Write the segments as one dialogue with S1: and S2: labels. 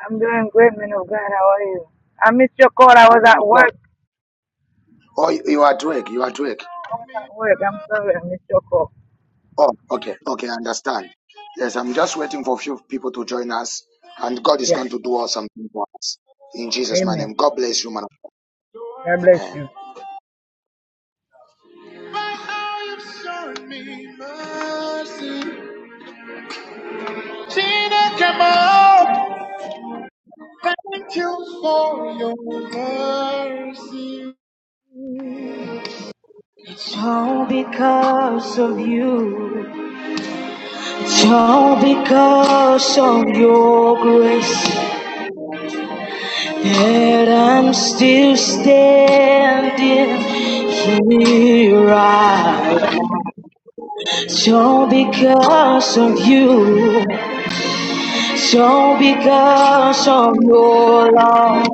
S1: I'm doing great, man of God. How are you? I missed your call. I was at work. I was at work. I'm sorry. I missed your call. Yes. Amen. God bless you.
S2: how you've shown me mercy. Tina Jamal, thank you for your mercy. It's all because of you. It's all because of your grace that I'm still standing here right. now. It's all because of you. So because of your love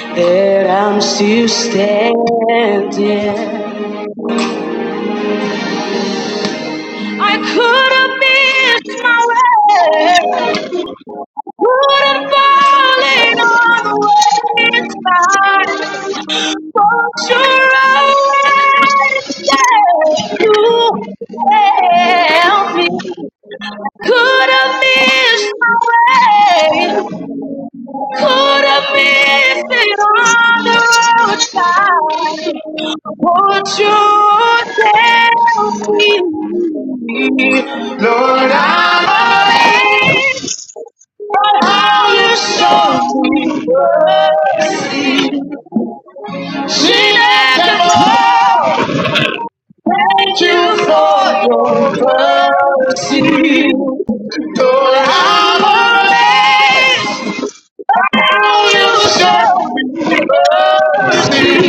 S2: that I'm still standing. I could have missed my way, could have fallen on the wayside, but you're always there to help me. Could have missed my way. Could have missed it on the roadside. Won't you tell me? Lord, I'm amazed how you show me see. She never mourned you for your mercy. Lord, I'm amazed how you show me see.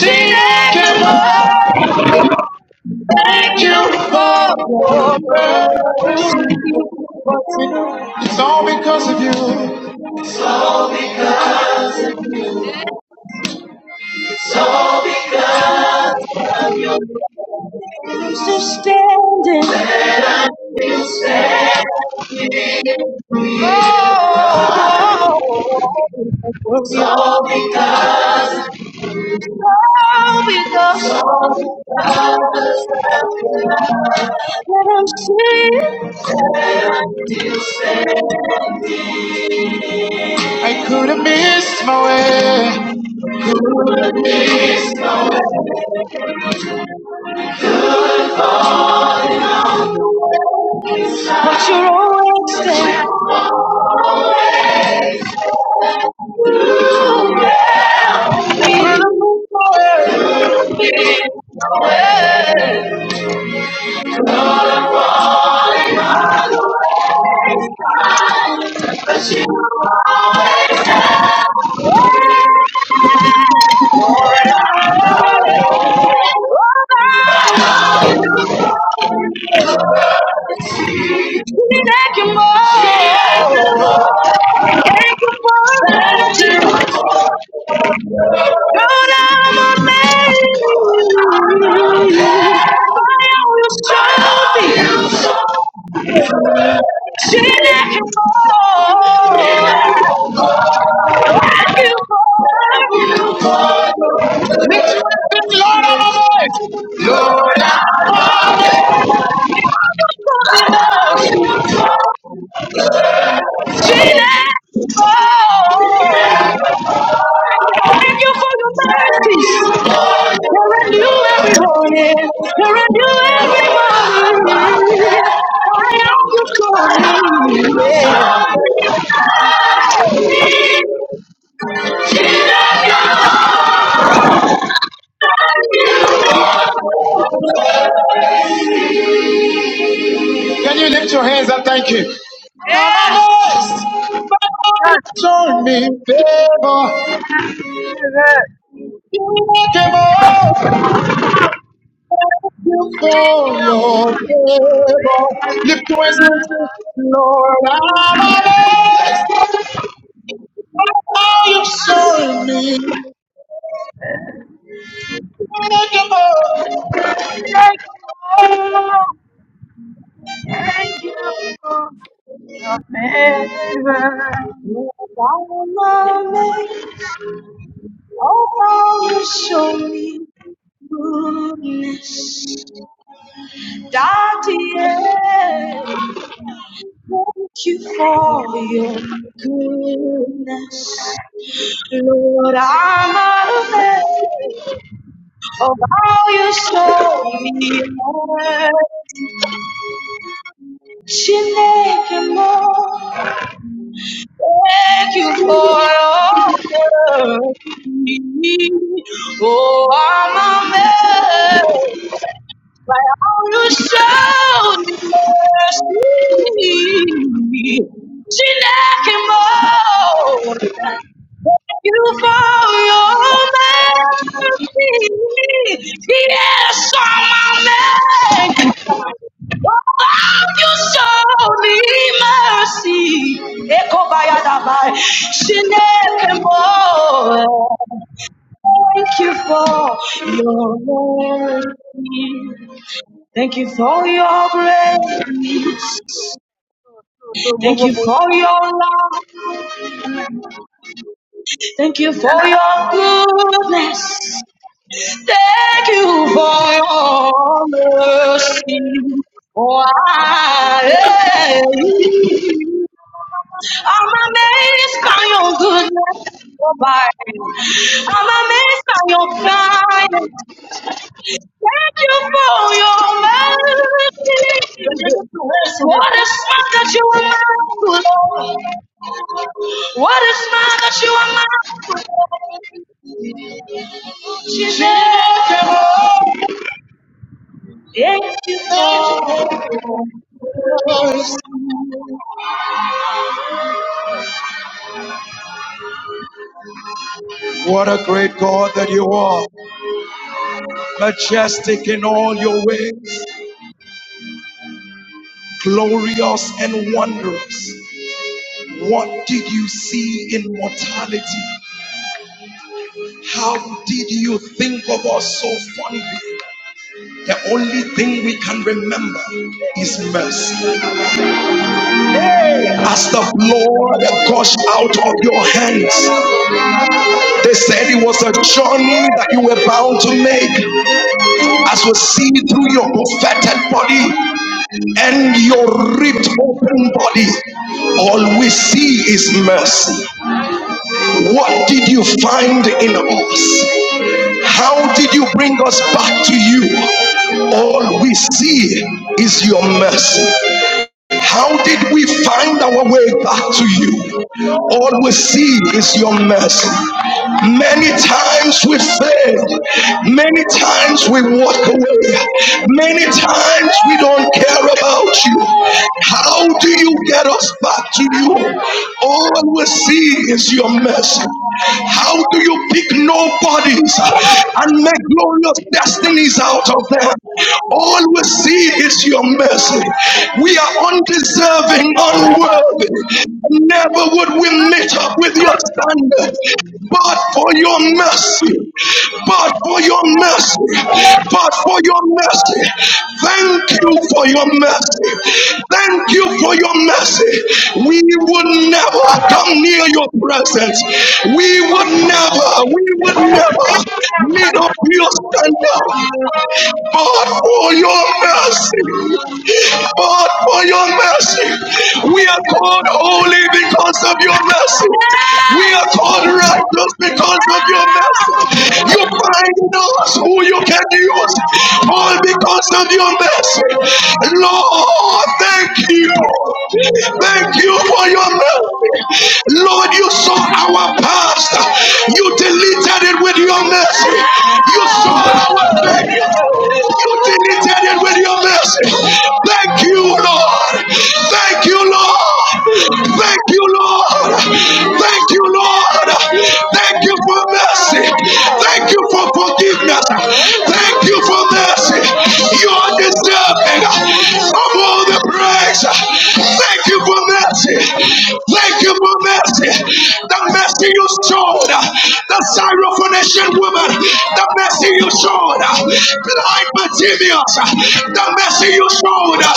S2: She never Thank you for your grace. It's all because of you. I'm still standing. Oh, all because of you. that I'm still. I could have missed my way, but you're always there. Could have moved my way. But you always have more and I know you Thank you more. Thank you more. Thank you more. Thank you more. God, I'm amazed. By all you will show me. Sin I for. fall. Thank you for Lift your the Lord, our voice. Lord, our voice. Jesus, never Thank you for your mercies. you are a new every morning. you are a new every morning. I am just crying. Can you lift your hands and thank him? Yes.
S1: Jesus,
S2: Show me favor. for your favor. Lift your hands and say, Lord, I'm amazed how you serve me.
S1: Jesus, thank you. Thank you for your favor.
S2: Lord, I'm amazed oh, how you show me goodness. Daddy, yeah. thank you for your goodness. Lord, I'm amazed of how you saw me hurt. Chineke mo, thank you for all the mercy. Oh, I'm amazed. By all your shouting mercy, Shinakimo, thank you for your mercy. Yes, on my mercy. Oh, you show me mercy. Eko bayadabai, Shinakimo. Thank you for your mercy. Thank you
S1: Lord,
S2: for your grace.
S1: so, so, do, bo,
S2: Thank
S1: bo,
S2: you
S1: bo,
S2: for your love.
S1: na,
S2: Thank you for your goodness. Thank you for your mercy. Oh, I, I'm amazed by your goodness. Oh, my. I'm amazed by your kindness. Thank you for your mercy. What is man that you are mindful of? What is man that you are mindful of? Jesus. Thank you for your mercy. What a great God that you are, majestic in all your ways, glorious and wondrous. What did you see in mortality? How did you think of us so fondly? The only thing we can remember is mercy. As the blood gushed out of your hands, they said it was a journey that you were bound to make. As we see through your buffeted body, and your ripped open body, all we see is mercy. What did you find in us? How did you bring us back to you? All we see is your mercy. How did we find our way back to you? All we see is your mercy. Many times we fail. Many times we walk away. Many times we don't care about you. How do you get us back to you? All we see is your mercy. How do you pick nobodies and make glorious destinies out of them? All we see is your mercy. We are undeserving, unworthy. Never would we meet up with your standard. But for your mercy, but for your mercy, but for your mercy. Thank you for your mercy. Thank you for your mercy. We would never come near your presence. We would never, we would never made up your standard. But for your mercy, but for your mercy, we are called holy because of your mercy. We are called righteous because of your mercy. You find in us who you can use, all because of your mercy. Lord, thank you. Thank you for your mercy. Lord, you saw our past. You deleted it with your mercy. You saw our failures. You deleted it with your mercy. Thank you, Lord. Thank you, Lord. Thank you, Lord. Thank you, Lord. Thank you for mercy mercy. Thank you for forgiveness. Thank you for mercy. You are deserving of all the praise. Thank you for mercy. Thank you for mercy. The mercy you showed the Syrophoenician woman. The mercy you showed blind Bartimaeus the mercy you showed uh,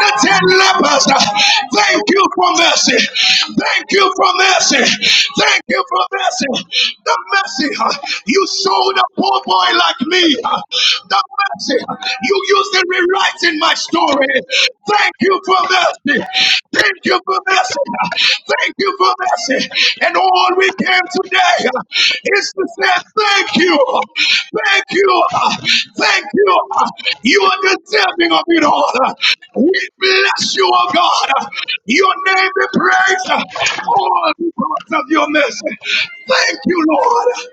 S2: the ten lepers. uh, Thank you for mercy. Thank you for mercy. Thank you for mercy. The mercy uh, you showed a poor boy like me. uh, The mercy you used in rewriting my story. Thank you for mercy. Thank you for mercy mercy. Thank you for mercy. And all we came today uh, is to say thank you. Thank you. Thank you. You are deserving of it all. We bless you, oh God. Your name be praised. All because of your mercy. Thank you, Lord.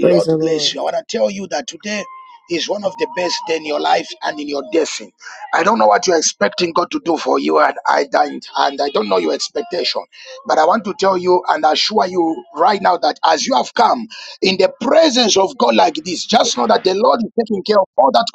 S3: Praise the Lord.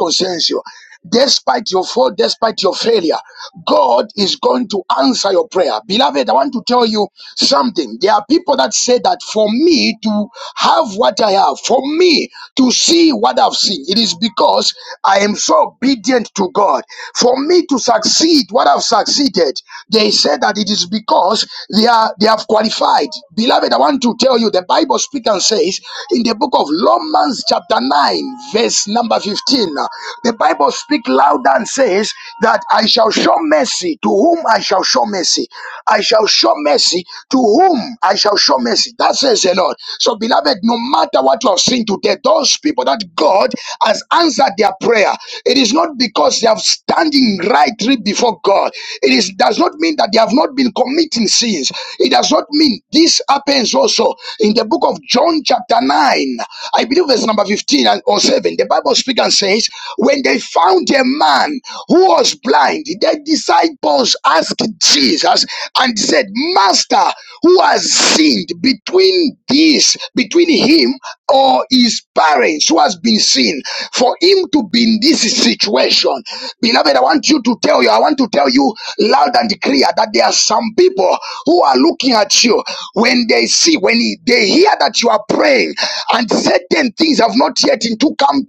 S2: concerns you, despite your fault, despite your failure, God is going to answer your prayer. Beloved, I want to tell you something. There are people that say that for me to have what I have, for me to see what I've seen, it is because I am so obedient to God. For me to succeed what I've succeeded, they say that it is because they are they have qualified. Beloved, I want to tell you the Bible speaks and says in the book of Law. Romans chapter 9, verse number 15. uh, The Bible speaks louder and says that I shall show mercy to whom I shall show mercy. I shall show mercy to whom I shall show mercy. That says the Lord. So, beloved, no matter what you have seen today, those people that God has answered their prayer, it is not because they have standing rightly before God. It is does not mean that they have not been committing sins. It does not mean this happens Corinthians also in the book of John chapter 9, I believe verse number 15 and or 7, the Bible speaks and says, when they found a man who was blind, the disciples asked Jesus and said, Master, who has sinned between this, between him or his parents who has been seen for him to be in this situation. Beloved, I want you to tell you, I want to tell you loud and clear that there are some people who are looking at you when they see, when they hear that you are praying and certain things have not yet into come,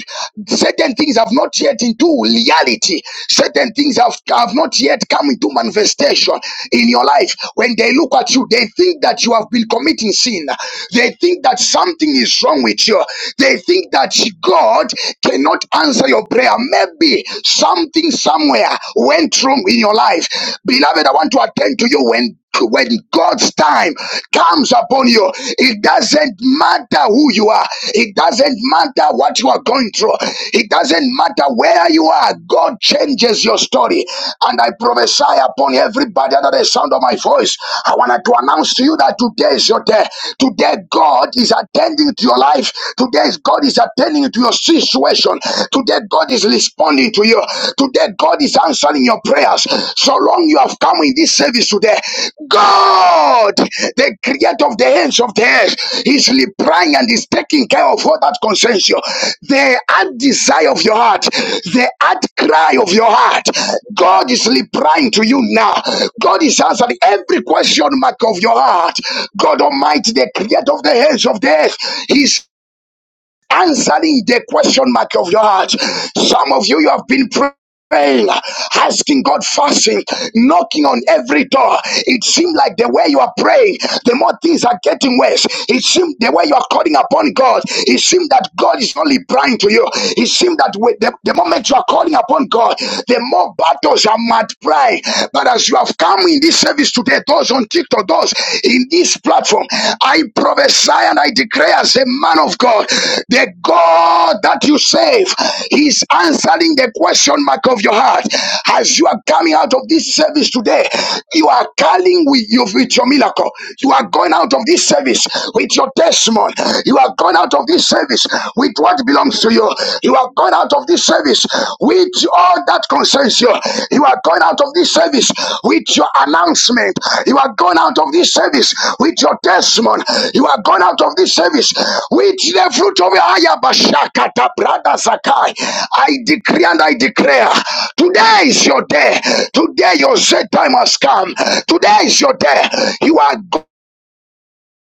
S2: certain things have not yet into reality, certain things have, have not yet come into manifestation in your life. When they look at you, they think that you have been committing sin. They think that something is wrong with you. They think that God cannot answer your prayer. Maybe something somewhere went through in your life. Beloved, I want to attend to you when when God's time comes upon you, it doesn't matter who you are, it doesn't matter what you are going through, it doesn't matter where you are. God changes your story, and I prophesy upon everybody under the sound of my voice. I wanted to announce to you that today is your day. Today, God is attending to your life. Today, God is attending to your situation. Today, God is responding to you. Today, God is answering your prayers. So long you have come in this service today, God, the creator of the ends of the earth, is replying and is taking care of all that concerns you. The heart desire of your heart, the heart cry of your heart, God is replying to you now. God is answering every question mark of your heart. God Almighty, the creator of the ends of the earth, is answering the question mark of your heart. Some of you, you have been praying, Praying, asking God, fasting, knocking on every door. It seemed like the way you are praying, the more things are getting worse. It seemed the way you are calling upon God, it seemed that God is only blind to you. It seemed that with the, the moment you are calling upon God, the more battles are multiplied. But as you have come in this service today, those on TikTok, those in this platform, I prophesy and I declare as a man of God, the God that you save, He's answering the question mark of your heart. As you are coming out of this service today, you are calling with you with your miracle. You are going out of this service with your testimony. You are going out of this service with what belongs to you. You are going out of this service with all that concerns you. You are going out of this service with your announcement. You are going out of this service with your testimony. You are going out of this service with the fruit of your ayabashakata brother Zakai. I decree and I declare today is your day. Today your set time has come. Today is your day. You are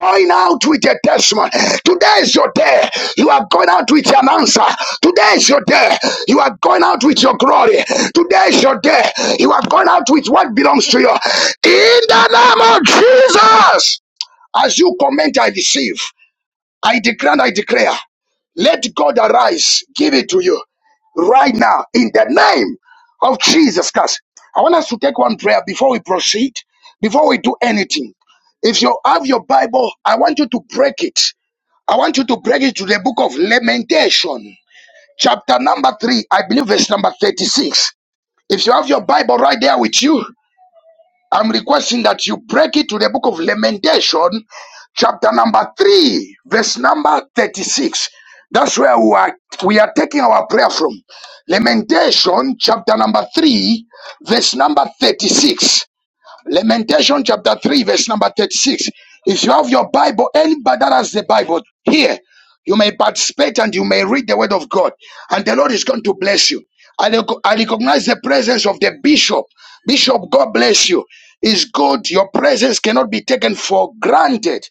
S2: Going out with a testimony. Today is your day. You are going out with an answer. Today is your day. You are going out with your glory. Today is your day. You are going out with what belongs to you. In the name of Jesus. As you comment, I receive. I declare and I declare. Let God arise, give it to you right now in the name of Jesus Christ. I want us to take one prayer before we proceed, before we do anything. If you have your Bible, I want you to break it. I want you to break it to the book of Lamentation, chapter number three, I believe verse number 36. If you have your Bible right there with you, I'm requesting that you break it to the book of Lamentation, chapter number 3, verse number 36. That's where we are, we are taking our prayer from. Lamentation, chapter number 3, verse number 36. Lamentation chapter 3, verse number 36. If you have your Bible, anybody that has the Bible here, you may participate and you may read the word of God. And the Lord is going to bless you. I, rec- I recognize the presence of the bishop. Bishop, God bless you. It's good. Your presence cannot be taken for granted.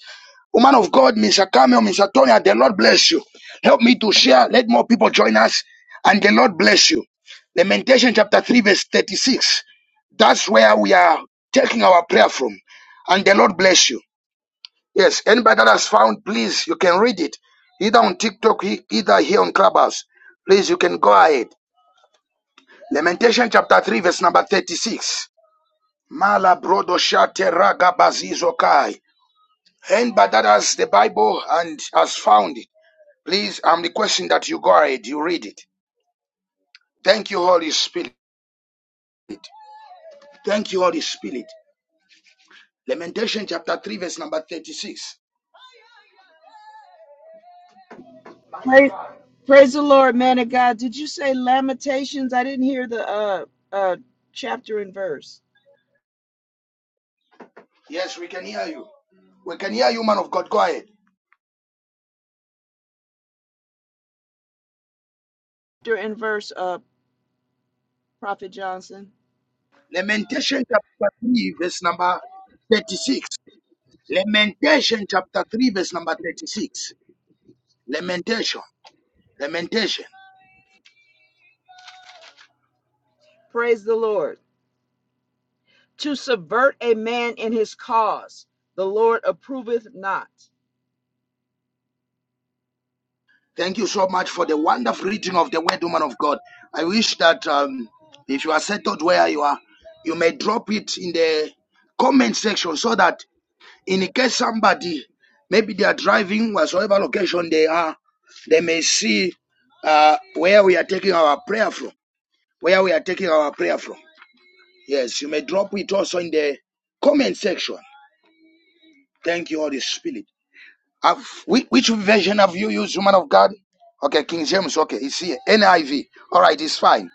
S2: Woman of God, Mr. Cameo, Mr. Tonya, the Lord bless you. Help me to share. Let more people join us. And the Lord bless you. Lamentation chapter 3, verse 36. That's where we are taking our prayer from. And the Lord bless you. Yes, anybody that has found, please, you can read it. Either on TikTok. My
S3: Praise,
S2: Father.
S3: praise the Lord, man of God. Did you say Lamentations? I didn't hear the uh uh chapter and verse.
S2: Yes, we can hear you. We can hear you, man of God. Go ahead.
S3: Chapter and verse, uh, Prophet Johnson.
S2: Lamentation chapter 3, verse number 36. Lamentation chapter 3, verse number 36. Lamentation. Lamentation.
S3: Praise the Lord. To subvert a man in his cause, the Lord approveth not.
S2: Thank you so much for the wonderful reading of the word, woman of God. I wish that um, if you are settled where you are, you may drop it in the comment section so that in case somebody, maybe they are driving, whatsoever location they are, they may see uh, where we are taking our prayer from. Where we are taking our prayer from. Yes, you may drop it also in the comment section. Thank you, Holy Spirit. Have, which version have you used, woman of God? Okay, King James. Okay, it's here. NIV. All right, it's fine.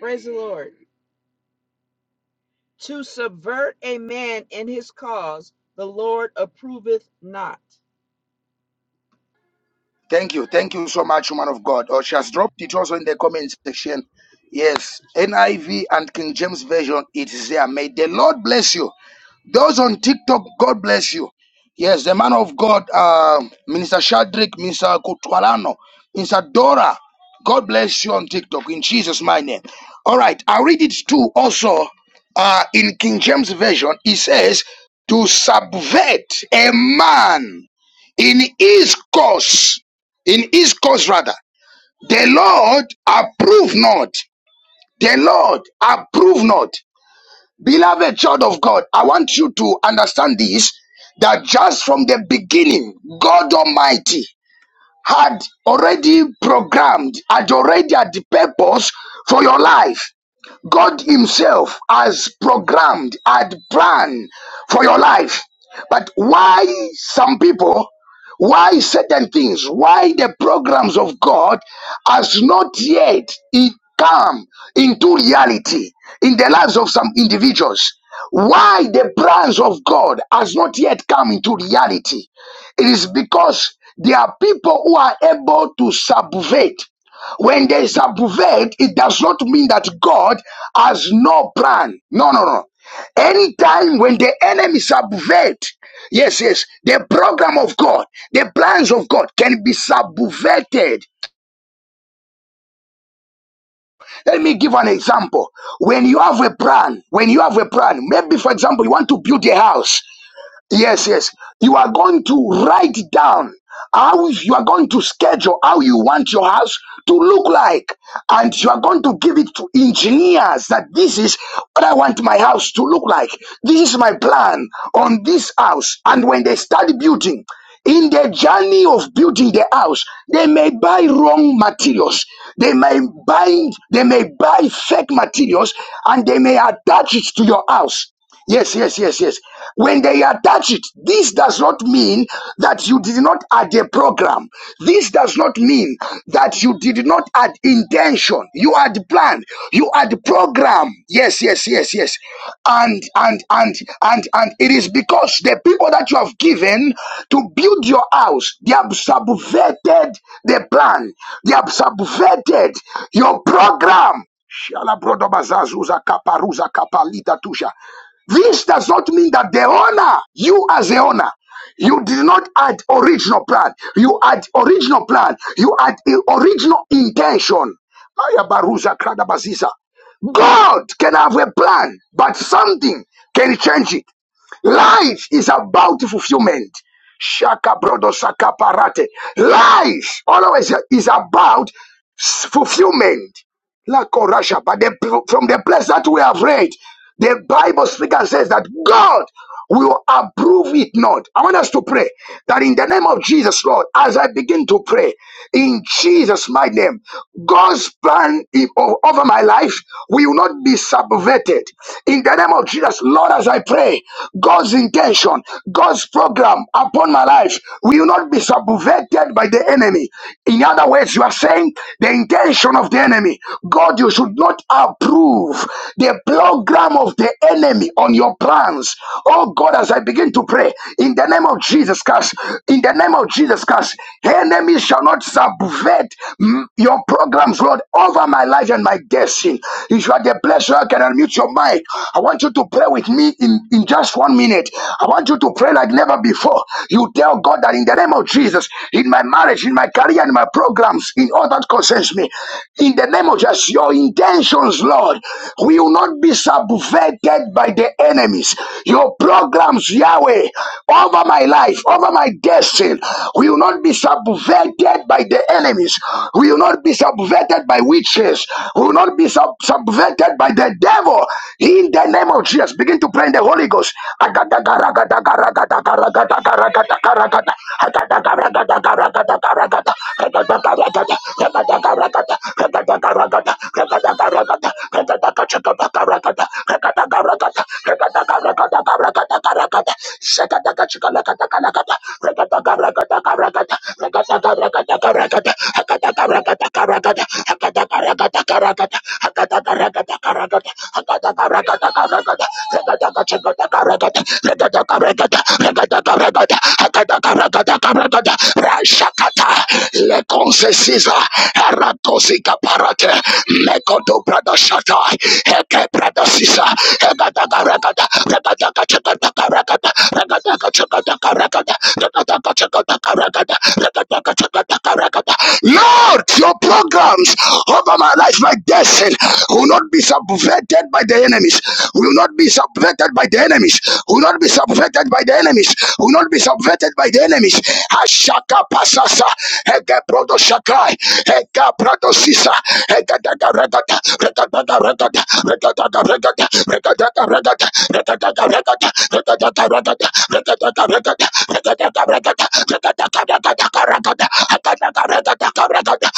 S3: Praise the Lord. To subvert a man in his cause, the Lord approveth not.
S2: uh, in King James Version, it says to subvert a man in his cause, in his cause rather. The Lord approve not. The Lord approve not. Beloved child of God, I want you to understand this that just from the beginning, God Almighty had already programmed, had already had the purpose for your life. God Himself has programmed, had planned for your life. But why some people, why certain things, why the programs of God has not yet it come into reality in the lives of some individuals? Why the plans of God has not yet come into reality? It is because there are people who are able to subvert when there is abuved, it does not mean that God has no plan. No, no, no. Anytime when the enemy subvert, yes, yes, the program of God, the plans of God can be subverted. Let me give an example. When you have a plan, when you have a plan, maybe for example, you want to build a house. Yes, yes. You are going to write down how you are going to schedule how you want your house to look like. And you are going to give it to engineers that this is what I want my house to look like. This is my plan on this house. And when they start building, in the journey of building the house, they may buy wrong materials. They may buy, they may buy fake materials and they may attach it to your house. Yes, yes, yes, yes. When they attach attach it. This does not mean that you did not add a program. This does not mean that you did not add intention. You had planned. You had program. Yes, yes, yes, yes. And and and and and it is because the people that you have given to build your house, they have subverted the plan. They have subverted your program. Shala brodo bazazuza kaparuza kapalita tusha. This does not mean that the owner, you as the owner, you did not add original plan. You had original plan. You had original intention. Aya baruza krada baziza. God can have a plan, but something can change it. Life is about fulfillment. Shaka brodo saka parate. Life always is about fulfillment. La Korasha, but the, from the place that we have read, the Bible speaker says that God will approve it not. I want us to pray that in the name of Jesus, Lord, as I begin to pray in Jesus' mighty name, God's plan i- o- over my life will not be subverted. In the name of Jesus, Lord, as I pray, God's intention, God's program upon my life will not be subverted by the enemy. In other words, you are saying, understand the intention of the enemy. God, you should not approve the program of the enemy on your plans. Oh God, as I begin to pray, in the name of Jesus Christ, in the name of Jesus Christ, enemies shall not subvert mm, your programs, Lord, over my life and my destiny. If you are the place where I can unmute your mic, I want you to pray with me in, in just one minute. I want you to pray like never before. You tell God that in the name of Jesus, in my marriage, marriage, in my career, in my programs, in all that concerns me. In the name of Jesus, your intentions, Lord, will not be subverted by the enemies. Your programs, Yahweh, over my life, over my destiny, will not be subverted by the enemies, will not be subverted by witches, will not be sub- subverted by the devil. In the name of Jesus, begin to pray in the Holy Ghost. Shaka regada regada regada regada regada rashakata le concesisa eratosika parate mekoto brada shata heke brada sisa regada regada regada regada regada regada regada regada. Lord, your programs over my life, my destiny, will not be subverted by the enemies, will not be subverted subverted by the enemies, will not be subverted by the enemies, will not be subverted by the enemies. Ashaka pasasa, heke proto shakai, heke proto sisa, heke daga regata, regata regata, regata regata, regata regata, regata regata, regata regata, regata regata, regata regata, Regata Regata,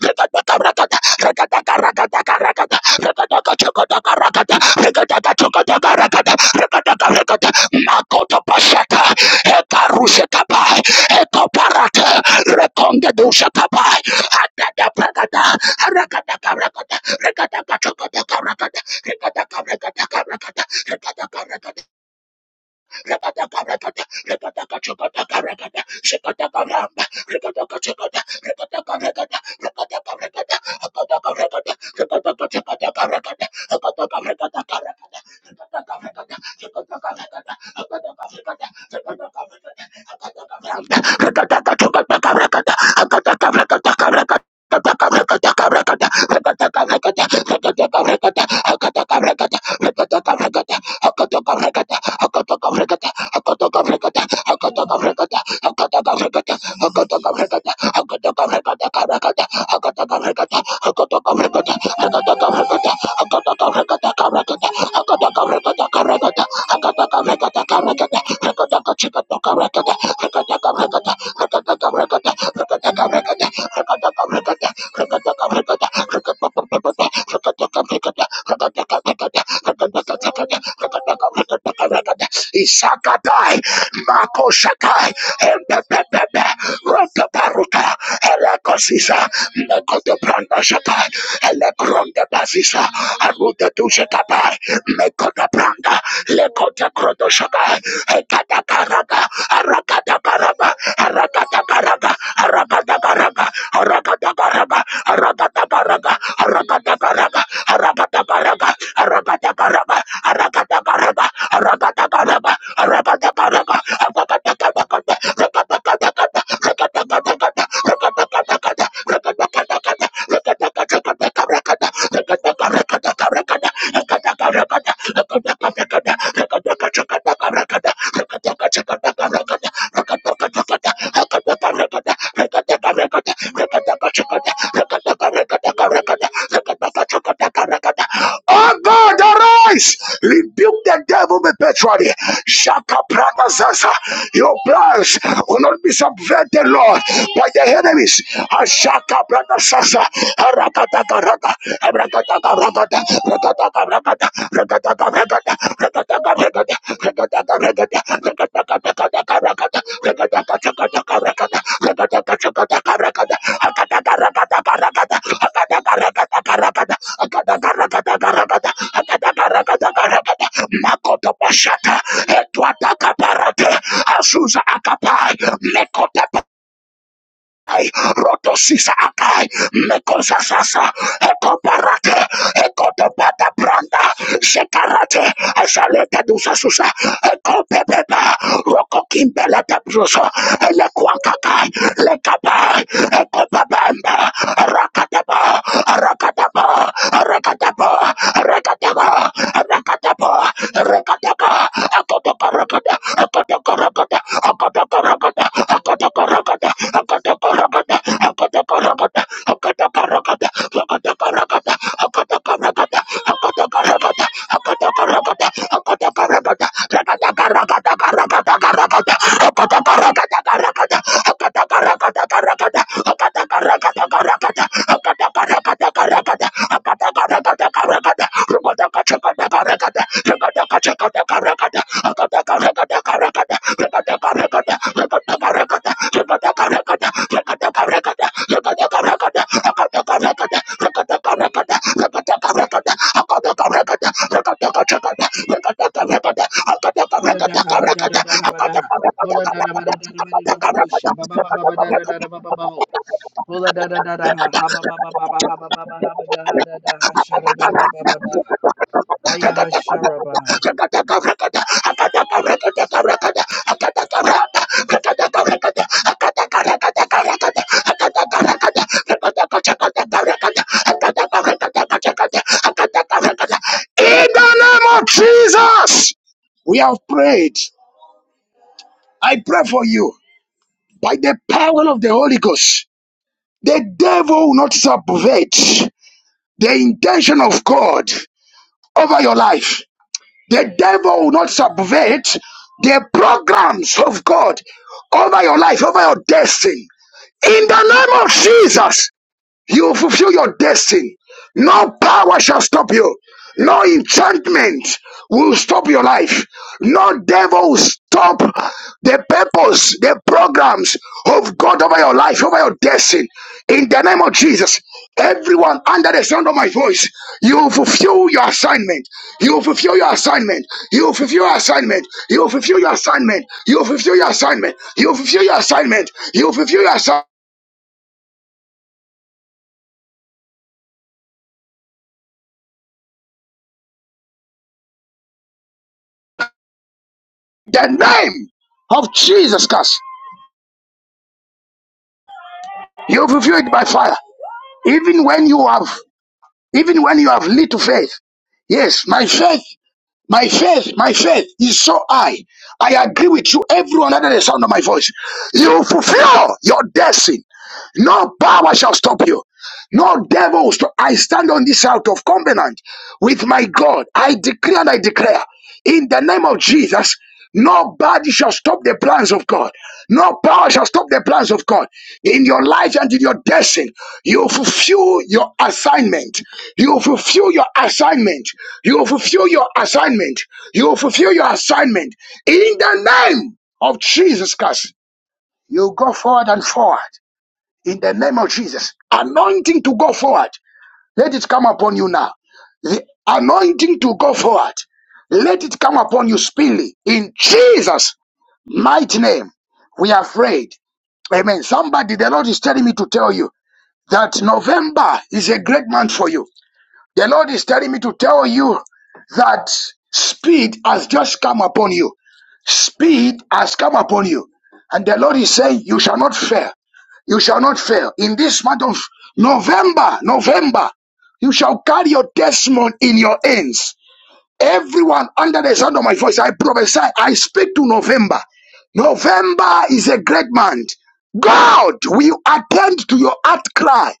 S2: Regata Regata, Regata makotopashata ekarushekapa ekoparata rekongedushapapai atadapragada arakadakarakada rekadakachokodakarakada rekadakarekadakarakada rekadakarekada Rabadakarakata, Rabadakachakatakarakata, Shikatakaramba, Rabadakachakata, Rabadakarakata, Rabadakarakata, Rabadakarakata, Rabadakachakatakarakata, Rabadakarakatakarakata, Rabadakarakata, Shikatakarakata, Rabadakarakata, Rabadakarakata, Rabadakaramba, Rabadakachakatakarakata, Rabadakarakatakarakata, Rabadakarakatakarakata, Rabadakarakata, Rabadakarakata, Rabadakarakata, Hakatakarakata, hakatakarakata, hakatakarakata, hakatakarakata, hakatakarakata, hakatakarakata, hakatakarakata, karakata, hakatakarakata, hakatakarakata, hakatakarakata, hakatakarakata, karakata, hakatakarakata, karakata, hakatakarakata, karakata, hakatakarakata, karakata, hakatakarakata, hakatakarakata, hakatakarakata, hakatakarakata, Ishakatai, Makoshakai, Empepepepe, Rotoparuka, Elekosisa, Mekotobranda Shakai, Elekronde Basisa, Aruta Dushakatai, mekota Mekotobranda, Lekota Kroto Shakai, Ekatakaraka, Arakatakaraba, Haragadabaraba, haragadabaraba, haragadabaraba, haragadabaraba, haragadabaraba, haragadabaraba, Oh God, arise! Rebuke the devil perpetually. Shaka Prada Zaza. Your plans will not be subverted, Lord, by the enemies. Ah, Shaka Prada Zaza. Ah, rakata, rakata, rakata, rakata, rakata, rakata, rakata, Makoto Pashata, Edwata Kaparate, Azusa Akapai, Mekota Ai, Rotosisa Akai, Mekosasasa, Ekoparate, Ekotopata Branda, Sekarate, Asaleta Dusasusa, Ekopebeba, Rokokimbeleta Brusa, Elekwankakai, Lekabai, Ekopabamba, Rakataba, rakataba Rakatapa, Rakatapa, Rakatapa, Rakatapa, Akotaka Rakata, Akotaka Rakata, Akotaka Rakata, Akotaka Rakata, Akotaka Rakata, Akotaka Rakata, Akotaka Rakata, Akotaka Rakata, Akotaka Rakata, Akotaka Rakata, Akotaka Rakata, Akotaka Rakata,
S3: Kola da ha ba da da da ha ba da ha. Kola da da ba da da da ba da da ho sha ba ba ba ba ba da da da da ba ba ba ho. Kola da da da da ha ha ba ba ba ba ba ha ba ba ba ha ba da ha da da ha sha da da ba ba ba ba. Ha ya ha sha ra ba ha.
S2: In the name of Jesus, we have prayed. I pray for you. by the power of the Holy Ghost. The devil will not subvert the intention of God over your life. The devil will not subvert the programs of God over your life, over your destiny. In the name of Jesus, you will fulfill your destiny. No power shall stop you. No enchantment will stop your life. No devil will stop the purpose, the programs of God over your life, over your destiny. In the name of Jesus, everyone under the sound of my voice, you will fulfill your assignment. You will fulfill your assignment. You will fulfill your assignment. You will fulfill your assignment. You will fulfill your assignment. You will fulfill your assignment. You will fulfill your assignment. The name of Jesus Christ. You fulfill it by fire. Even when you have, even when you have little faith. Yes, my faith, my faith, my faith is so high. I agree with you, everyone under the sound of my voice. You fulfill your destiny. No power shall stop you. No devils. I stand on this out of covenant with my God. I declare! and I declare in the name of Jesus. Nobody shall stop the plans of God. No power shall stop the plans of God in your life and in your destiny. You fulfill your assignment. You fulfill your assignment. You fulfill your assignment. You fulfill your assignment in the name of Jesus Christ. You go forward and forward in the name of Jesus. Anointing to go forward. Let it come upon you now. The anointing to go forward. Let it come upon you speedily. In Jesus' mighty name, we are afraid. Amen. Somebody, the Lord is telling me to tell you that November is a great month for you. The Lord is telling me to tell you that speed has just come upon you. Speed has come upon you. And the Lord is saying, You shall not fail. You shall not fail. In this month of November, November, you shall carry your testimony in your hands. Everyone under the sound of my voice, I prophesy, I speak to November. November is a great month. God will attend to your heart cry.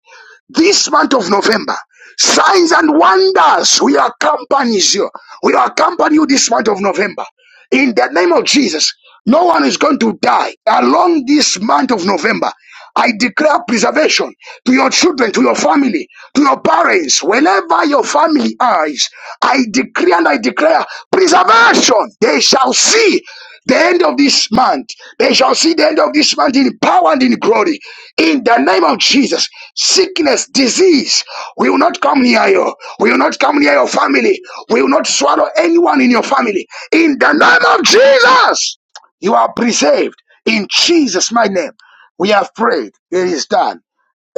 S2: This month of November, signs and wonders will accompany you. Will accompany you this month of November. In the name of Jesus, no one is going to die along this month of November. I declare preservation to your children, to your family, to your parents, wherever your family is. I declare and I declare preservation. They shall see the end of this month. They shall see the end of this month in power and in glory. In the name of Jesus, Sickness, disease will not come near you, will not come near your family, will not swallow anyone in your family. In the name of Jesus, you are preserved. In Jesus' mighty name, we have prayed. It is done.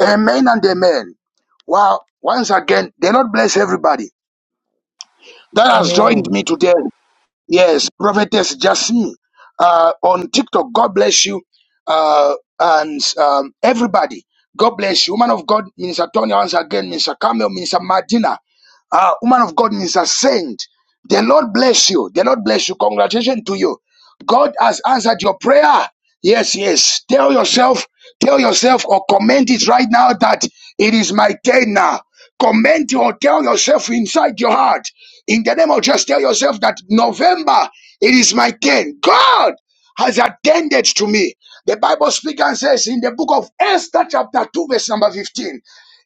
S2: Amen and amen. Wow. Once again, the Lord bless everybody that has joined
S3: Amen.
S2: me today. Yes, Prophetess Jasmine uh, on TikTok. God bless you. Uh, and um, everybody, God bless you. Woman of God, Minister Tony, once again, Minister Camille, Minister Madina, uh, woman of God, Minister Saint. The Lord bless you. The Lord bless you. Congratulations to you. God has answered your prayer. Yes, yes. Tell yourself, tell yourself, or comment it right now that it is my turn now. Comment or tell yourself inside your heart. In the name of just tell yourself that November, it is my turn. God has attended to me. The Bible speaks and says in the book of Esther, chapter 2, verse number 15.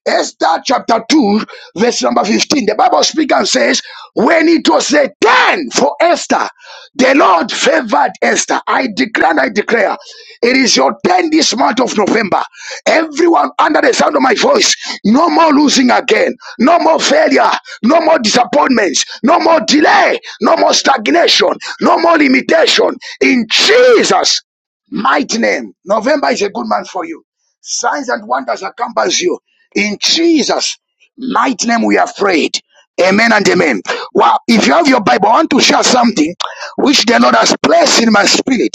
S2: Esther chapter 2, verse number 15. The Bible speaks and says, When it was a turn for Esther, the Lord favored Esther. I declare and I declare. It is your turn this month of November. Everyone under the sound of my voice, no more losing again, no more failure, no more disappointments, no more delay, no more stagnation, no more limitation. In Jesus' mighty name, November is a good month for you. Signs and wonders accompanies you. In Jesus' mighty name, we have prayed. Amen and amen. Wow, if you have your Bible, I want to share something which the Lord has placed in my spirit.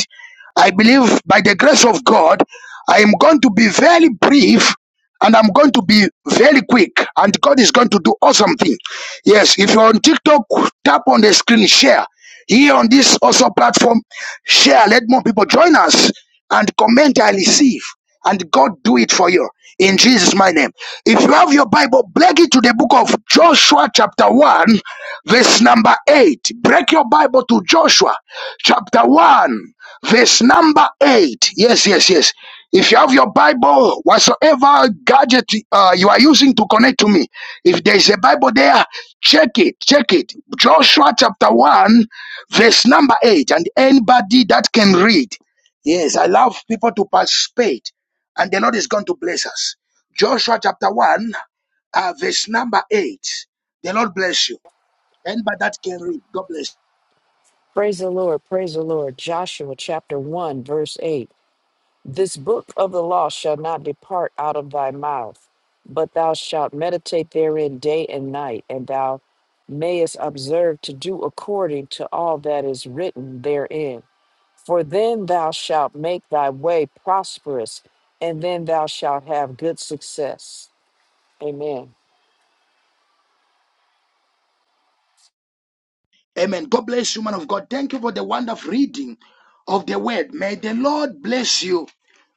S2: I believe by the grace of God, I am going to be very brief and I'm going to be very quick, and God is going to do awesome thing. Yes, if you're on TikTok, tap on the screen, share. Here on this also platform, share. Let more people join us and comment and receive. And God do it for you in Jesus' my name. If you have your Bible, break it to the book of Joshua, chapter 1, verse number 8. Break your Bible to Joshua, chapter 1 Verse number eight. Yes, yes, yes. If you have your Bible, whatsoever gadget uh, you are using to connect to me, if there is a Bible there, check it, check it. Joshua chapter 1, verse number 8. And anybody that can read, yes, I love people to participate, and the Lord is going to bless us. Joshua chapter 1, uh, verse number 8. The Lord bless you. Anybody that can read, God bless you.
S3: Praise the Lord. Praise the Lord. Joshua chapter 1, verse 8. This book of the law shall not depart out of thy mouth, but thou shalt meditate therein day and night, and thou mayest observe to do according to all that is written therein. For then thou shalt make thy way prosperous, and then thou shalt have good success. Amen.
S2: Amen. God bless you, man of God. Thank you for the wonderful reading of the word. May the Lord bless you.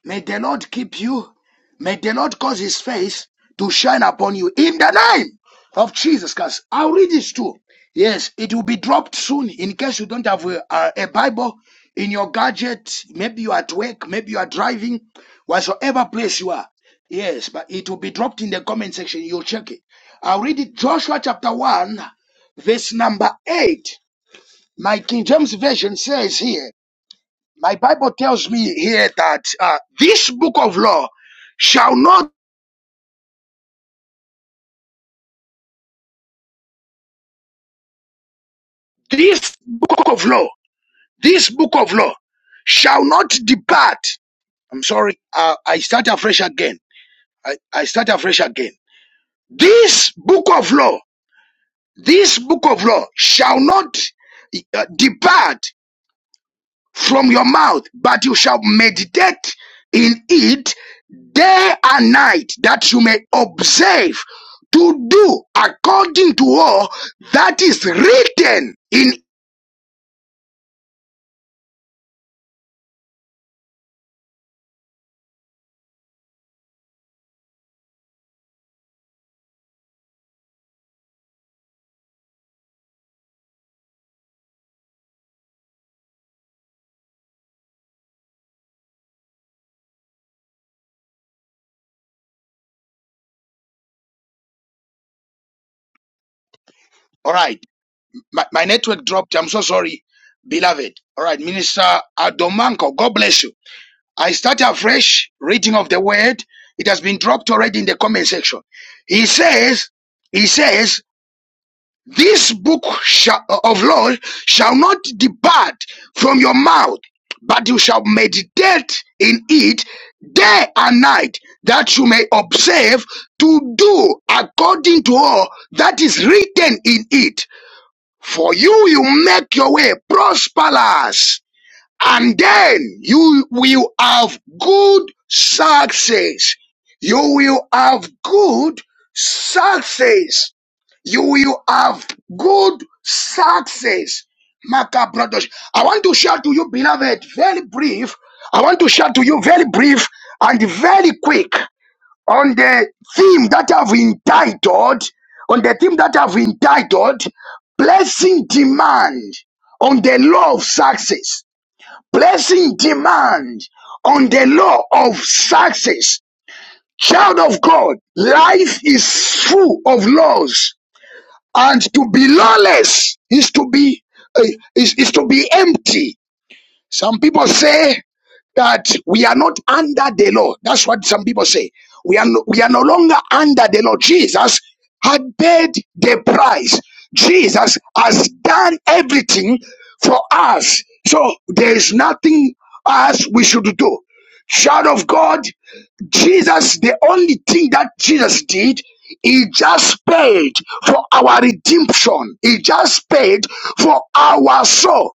S2: May the Lord keep you. May the Lord cause his face to shine upon you in the name of Jesus Christ. I'll read this too. Yes, it will be dropped soon in case you don't have a, a, a Bible in your gadget. Maybe you are at work, maybe you are driving, whatsoever place you are. Yes, but it will be dropped in the comment section. You'll check it. I'll read it Joshua chapter 1, verse number 8. My King James Version says here, my Bible tells me here that uh, this book of law shall not, this book of law, this book of law shall not depart. I'm sorry, uh, I start afresh again. I, I start afresh again. This book of law, this book of law shall not uh, depart from your mouth, but you shall meditate in it day and night, that you may observe to do according to all that is written in. All right, my, my network dropped. I'm so sorry, beloved. All right, Minister Adomanko, God bless you. I start a fresh reading of the word. It has been dropped already in the comment section. He says, he says, This book shall, of law shall not depart from your mouth, but you shall meditate in it day and night, that you may observe to do according to all that is written in it. For you will make your way prosperous, and then you will have good success. You will have good success you will have good success. Maka brothers, I want to share to you, beloved, very brief. I want to share to you very brief and very quick on the theme that I've entitled, on the theme that I've entitled, placing demand on the law of success. Placing demand on the law of success. Child of God, life is full of laws and to be lawless is to be uh, is, is to be empty. Some people say that we are not under the law. That's what some people say. We are no, we are no longer under the law. Jesus had paid the price. Jesus has done everything for us. So there is nothing else we should do. Child of God, Jesus, the only thing that Jesus did, he just paid for our redemption. He just paid for our soul.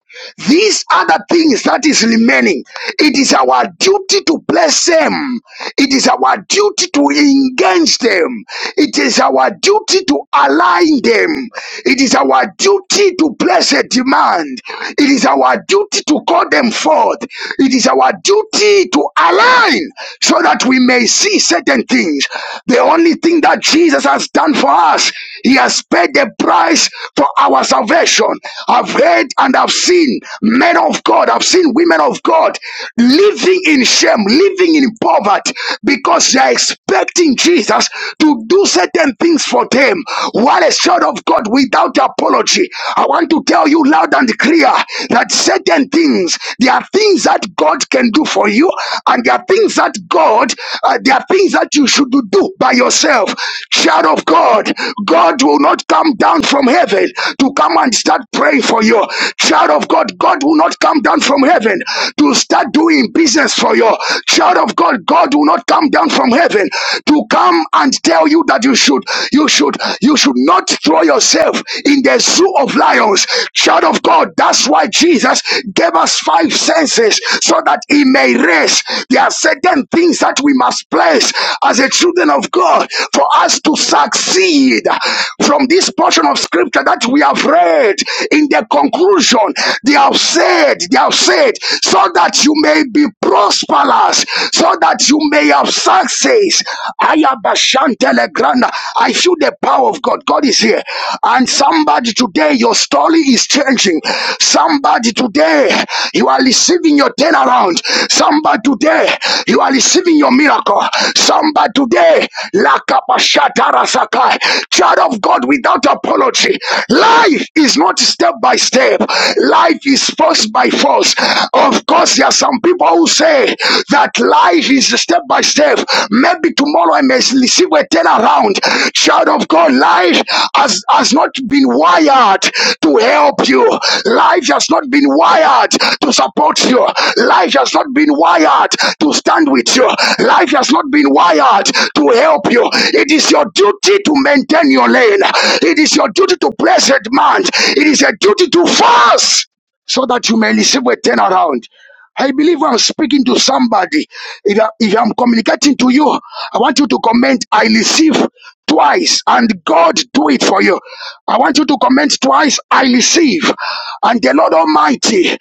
S2: These are the things that is remaining. It is our duty to bless them. It is our duty to engage them. It is our duty to align them. It is our duty to place a demand. It is our duty to call them forth. It is our duty to align so that we may see certain things. The only thing that Jesus has done for us, He has paid the price for our salvation. I've heard and I've seen men of God, I've seen women of God living in shame, living living in poverty because they are expecting Jesus to do certain things for them. What a child of God without apology. I want to tell you loud and clear that certain things, there are things that God can do for you, and there are things that God, uh, there are things that you should do by yourself. Child of God, God will not come down from heaven to come and start praying for you. Child of God, God will not come down from heaven to start doing business for you. Child of God, God will not come down from heaven to come and tell you that you should, you should, you should not throw yourself in the zoo of lions. Child of God, that's why Jesus gave us five senses so that he may raise. There are certain things that we must place as a children of God for us to succeed from this portion of scripture that we have read in the conclusion. They have said, they have said, so so that you may be prosperous, so that you may have success. Ayabashantelegrana. I feel the power of God. God is here. And somebody today, your story is changing. Somebody today, you are receiving your turnaround. Somebody today, you are receiving your miracle. Somebody today, lakapashatarasakai. child of God without apology. Life is not step by step. Life is forced by force. Of course, there are some people who say that life is step by step. Maybe tomorrow I may receive a turnaround. Child of God, life has, has not been wired to help you. Life has not been wired to support you. Life has not been wired to stand with you. Life has not been wired to help you. It is your duty to maintain your lane. It is your duty to place a demand. It is a duty to fast so that you may receive a turnaround. I believe I'm speaking to somebody. If, I, if I'm communicating to you, I want you to comment, I receive twice and God do it for you. I want you to comment twice, I receive. And the Lord Almighty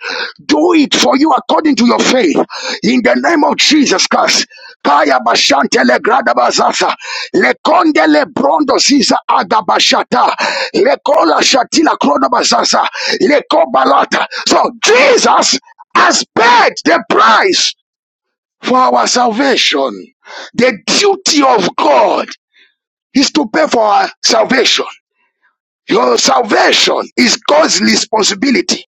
S2: do it for you according to your faith. In the name of Jesus Christ. Kaya bashantele gradabazasa. Lekondele brondo ziza agabashata. Lekola shatila kronobazasa. Lekobalata. So Jesus has paid the price for our salvation. The duty of God is to pay for our salvation. Your salvation is God's responsibility.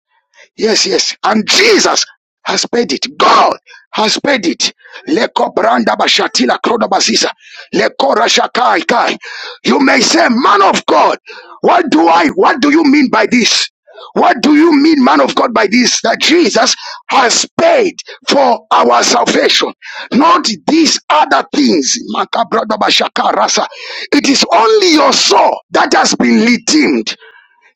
S2: Yes, yes. And Jesus has paid it. God has paid it. Leko branda bashatila kroda basisa. Leko rashakai kai. You may say, man of God, what do I, what do you mean by this? What do you mean, man of God, by this? That Jesus has paid for our salvation, not these other things. Makabrada bashaka rasa. It is only your soul that has been redeemed.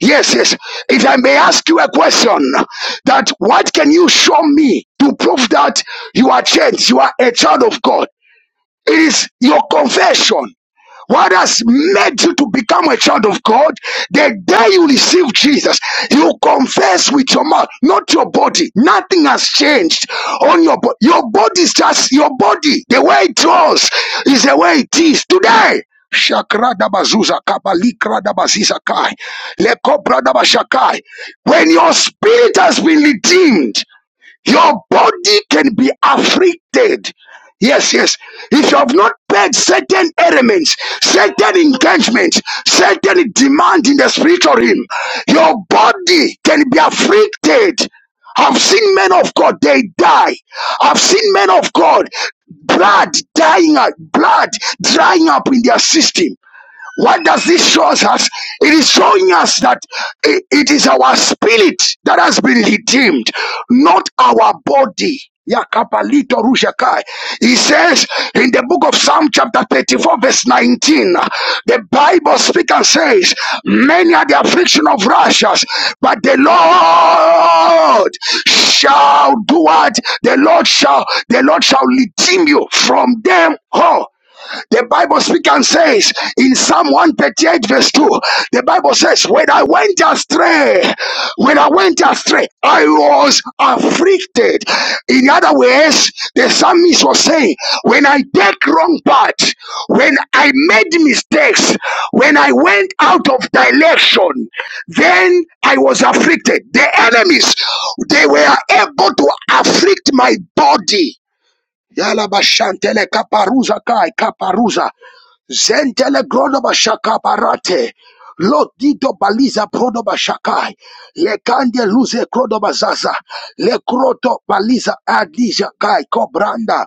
S2: Yes, yes. If I may ask you a question, that what can you show me to prove that you are changed, you are a child of God? It is your confession. What has made you to become a child of God? The day you receive Jesus, you confess with your mouth, not your body. Nothing has changed on your body. Your body is just your body. The way it was is the way it is today. When your spirit has been redeemed, your body can be afflicted. Yes, yes. If you have not paid certain elements, certain engagements, certain demand in the spiritual realm, your body can be afflicted. I've seen men of God, they die. I've seen men of God, blood dying, out- blood drying up in their system. What does this show us? It is showing us that i- it is our spirit that has been redeemed, not our body. Yakapalito rushakai. He says in the book of Psalm chapter 34 verse 19, the Bible speaks and says, many are the affliction of righteous, but the Lord shall do what? The Lord shall, the Lord shall redeem you from them all. The Bible speaks and says in Psalm 138, verse 2, the Bible says, When I went astray, when I went astray, I was afflicted. In other words, the psalmist was saying, When I take wrong path, when I made mistakes, when I went out of direction, then I was afflicted. The enemies, they were able to afflict my body Yala bashantele kaparuza kai kaparuza. Zentele grono bashaka barate. Lo dito baliza prono bashakai. Lekande luze krono bazaza. Le kroto baliza adija kai kobranda.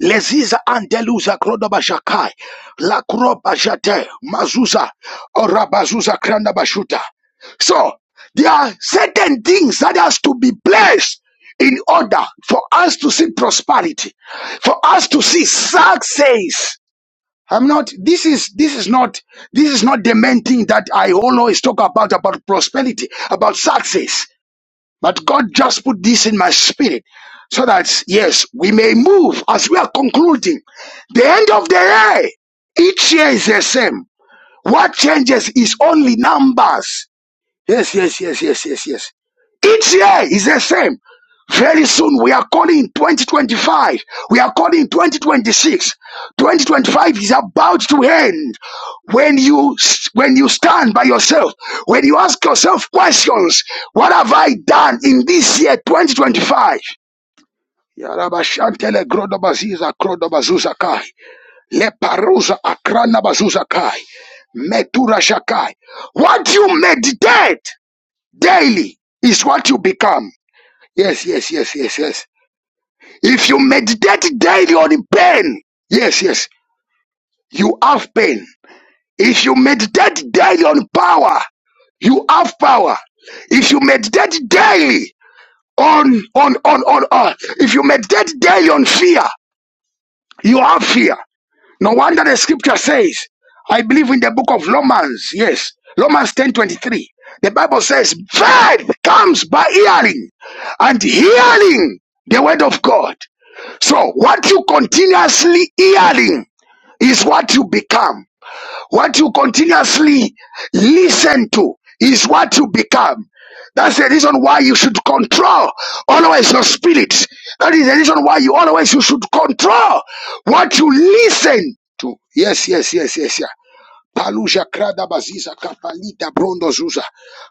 S2: Leziza andeluza krodoba shakai. La kroba jate mazuza orabazuza kranda bashuta. So there are certain things that has to be placed in order for us to see prosperity, for us to see success. I'm not this is this is not this is not the main thing that I always talk about about prosperity, about success. But God just put this in my spirit so that, yes, we may move as we are concluding. The end of the year, each year is the same. What changes is only numbers. Yes, yes, yes, yes, yes, yes. Each year is the same. Very soon we are calling 2025. We are calling 2026. 2025 is about to end. When you when you stand by yourself, when you ask yourself questions, what have I done in this year 2025? Yarabashantele grodobaziza grodobazuza kai. Leparuza akrana bazuza kai. Metura shakai. What you meditate daily is what you become. Yes, yes, yes, yes, yes. If you meditate daily on pain, yes, yes, you have pain. If you meditate daily on power, you have power. If you meditate daily on on on on on, if you meditate daily on fear, you have fear. No wonder the scripture says, I believe in the book of Romans, yes, Romans 10 23. The Bible says, faith comes by hearing, and hearing the word of God. So what you continuously hearing is what you become. What you continuously listen to is what you become. That's the reason why you should control always your spirit. That is the reason why you always you should control what you listen to. Yes, yes, yes, yes, yeah. Paluja krada baziza kapalita brondo zuza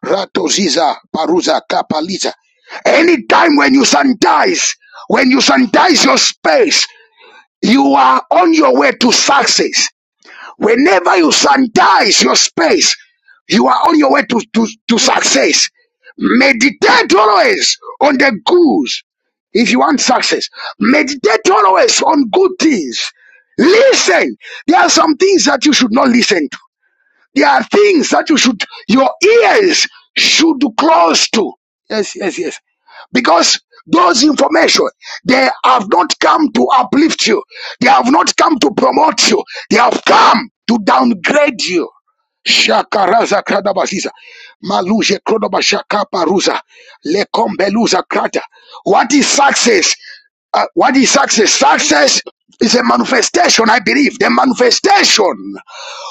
S2: rato ziza paruza kapalita. Anytime when you sanitize, when you sanitize your space, you are on your way to success. Whenever you sanitize your space, you are on your way to, to, to success. Meditate always on the goods. If you want success, meditate always on good things. Listen. There are some things that you should not listen to. There are things that you should, your ears should close to. Yes, yes, yes. Because those information, they have not come to uplift you. They have not come to promote you. They have come to downgrade you. Shakaraza kradabasiza. Maluje krodobashaka paruza. Lekombeluza krata. What is success? Uh, what is success? Success is a manifestation, I believe, the manifestation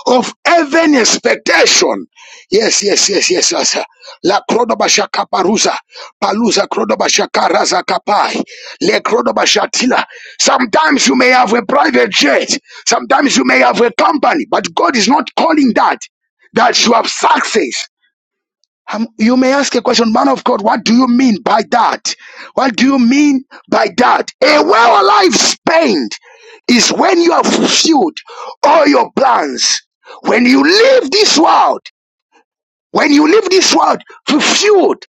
S2: of heaven expectation. Yes, yes, yes, yes, yes. La krodobashaka paruza. Paluza krodobashaka raza kapai. Le krodobashatila. Sometimes you may have a private jet. Sometimes you may have a company, but God is not calling that that you have success. Um, you may ask a question, man of God, what do you mean by that? What do you mean by that? A well life spent is when you have fulfilled all your plans. When you leave this world, when you leave this world fulfilled,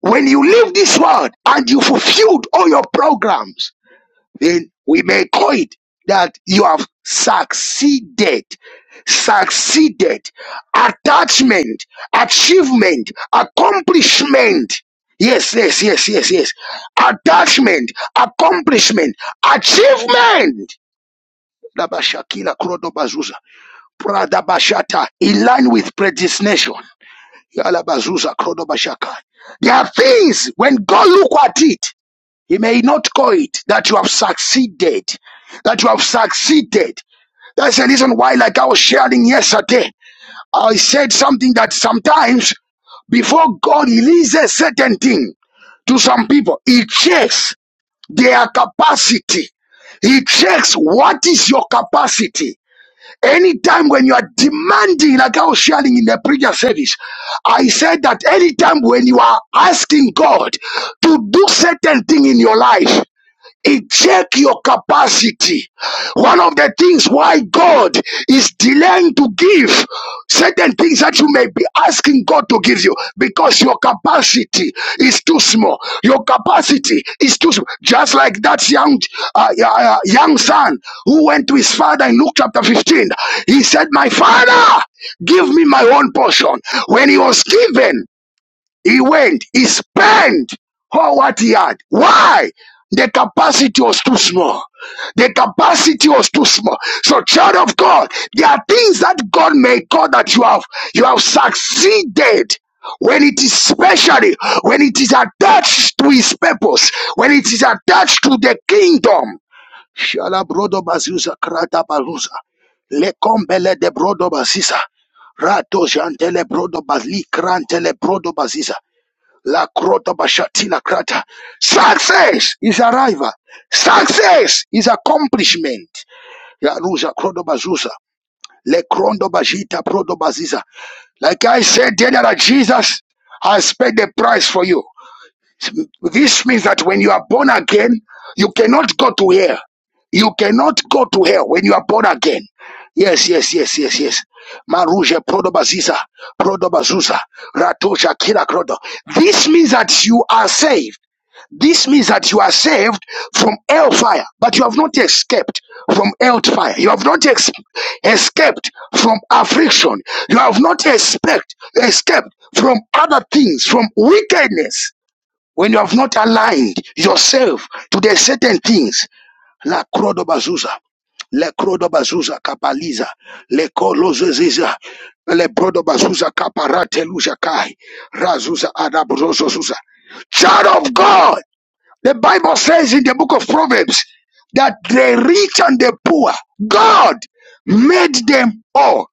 S2: when you leave this world and you fulfilled all your programs, then we may call it that you have succeeded. Succeeded. Attachment, achievement, accomplishment. Yes, yes, yes, yes, yes. Attachment, accomplishment, achievement. Labashakila Krodobazuza. Pradabashata. In line with predestination. Yalabazuza Krodobashaka. There are things when God look at it. He may not call it that you have succeeded, that you have succeeded. That's the reason why, like I was sharing yesterday, I said something that sometimes before God releases certain thing to some people, He checks their capacity. He checks what is your capacity. Anytime when you are demanding, like I was sharing in the previous service, I said that anytime when you are asking God to do certain thing in your life, check your capacity. One of the things why God is delaying to give certain things that you may be asking God to give you because your capacity is too small. Your capacity is too small. Just like that young uh, uh, uh, young son who went to his father in Luke chapter 15. He said, "My father, give me my own portion." When he was given, he went, he spent all what he had. Why? The capacity was too small. The capacity was too small. So, child of God, there are things that God may call that you have you have succeeded when it is specially when it is attached to his purpose, when it is attached to the kingdom. Shala brodo bazuza krata baluza. Lekombele de brodo baziza. Rato jantele brodo bazli krantele brodo baziza. La crota bashati la crata. Success is arrival. Success is accomplishment. Yaruza crodo bazuza. Le crondo bajita prodo baziza. Like I said dear that Jesus I paid the price for you. This means that when you are born again, you cannot go to hell. You cannot go to hell when you are born again. Yes, yes, yes, yes, yes. Maruje prodobaziza, prodobazuza, ratoja kira krodo. This means that you are saved. This means that you are saved from hellfire, but you have not escaped from hellfire. You have not ex- escaped from affliction. You have not escaped escaped from other things, from wickedness. When you have not aligned yourself to the certain things, la crodobazuza, le crodo crodobazuza kapaliza, le kolozoziza, le brodo bazuza kaparate kaparateluja kai, razuza adabrozozuza. Child of God, the Bible says in the book of Proverbs that the rich and the poor, God made them all.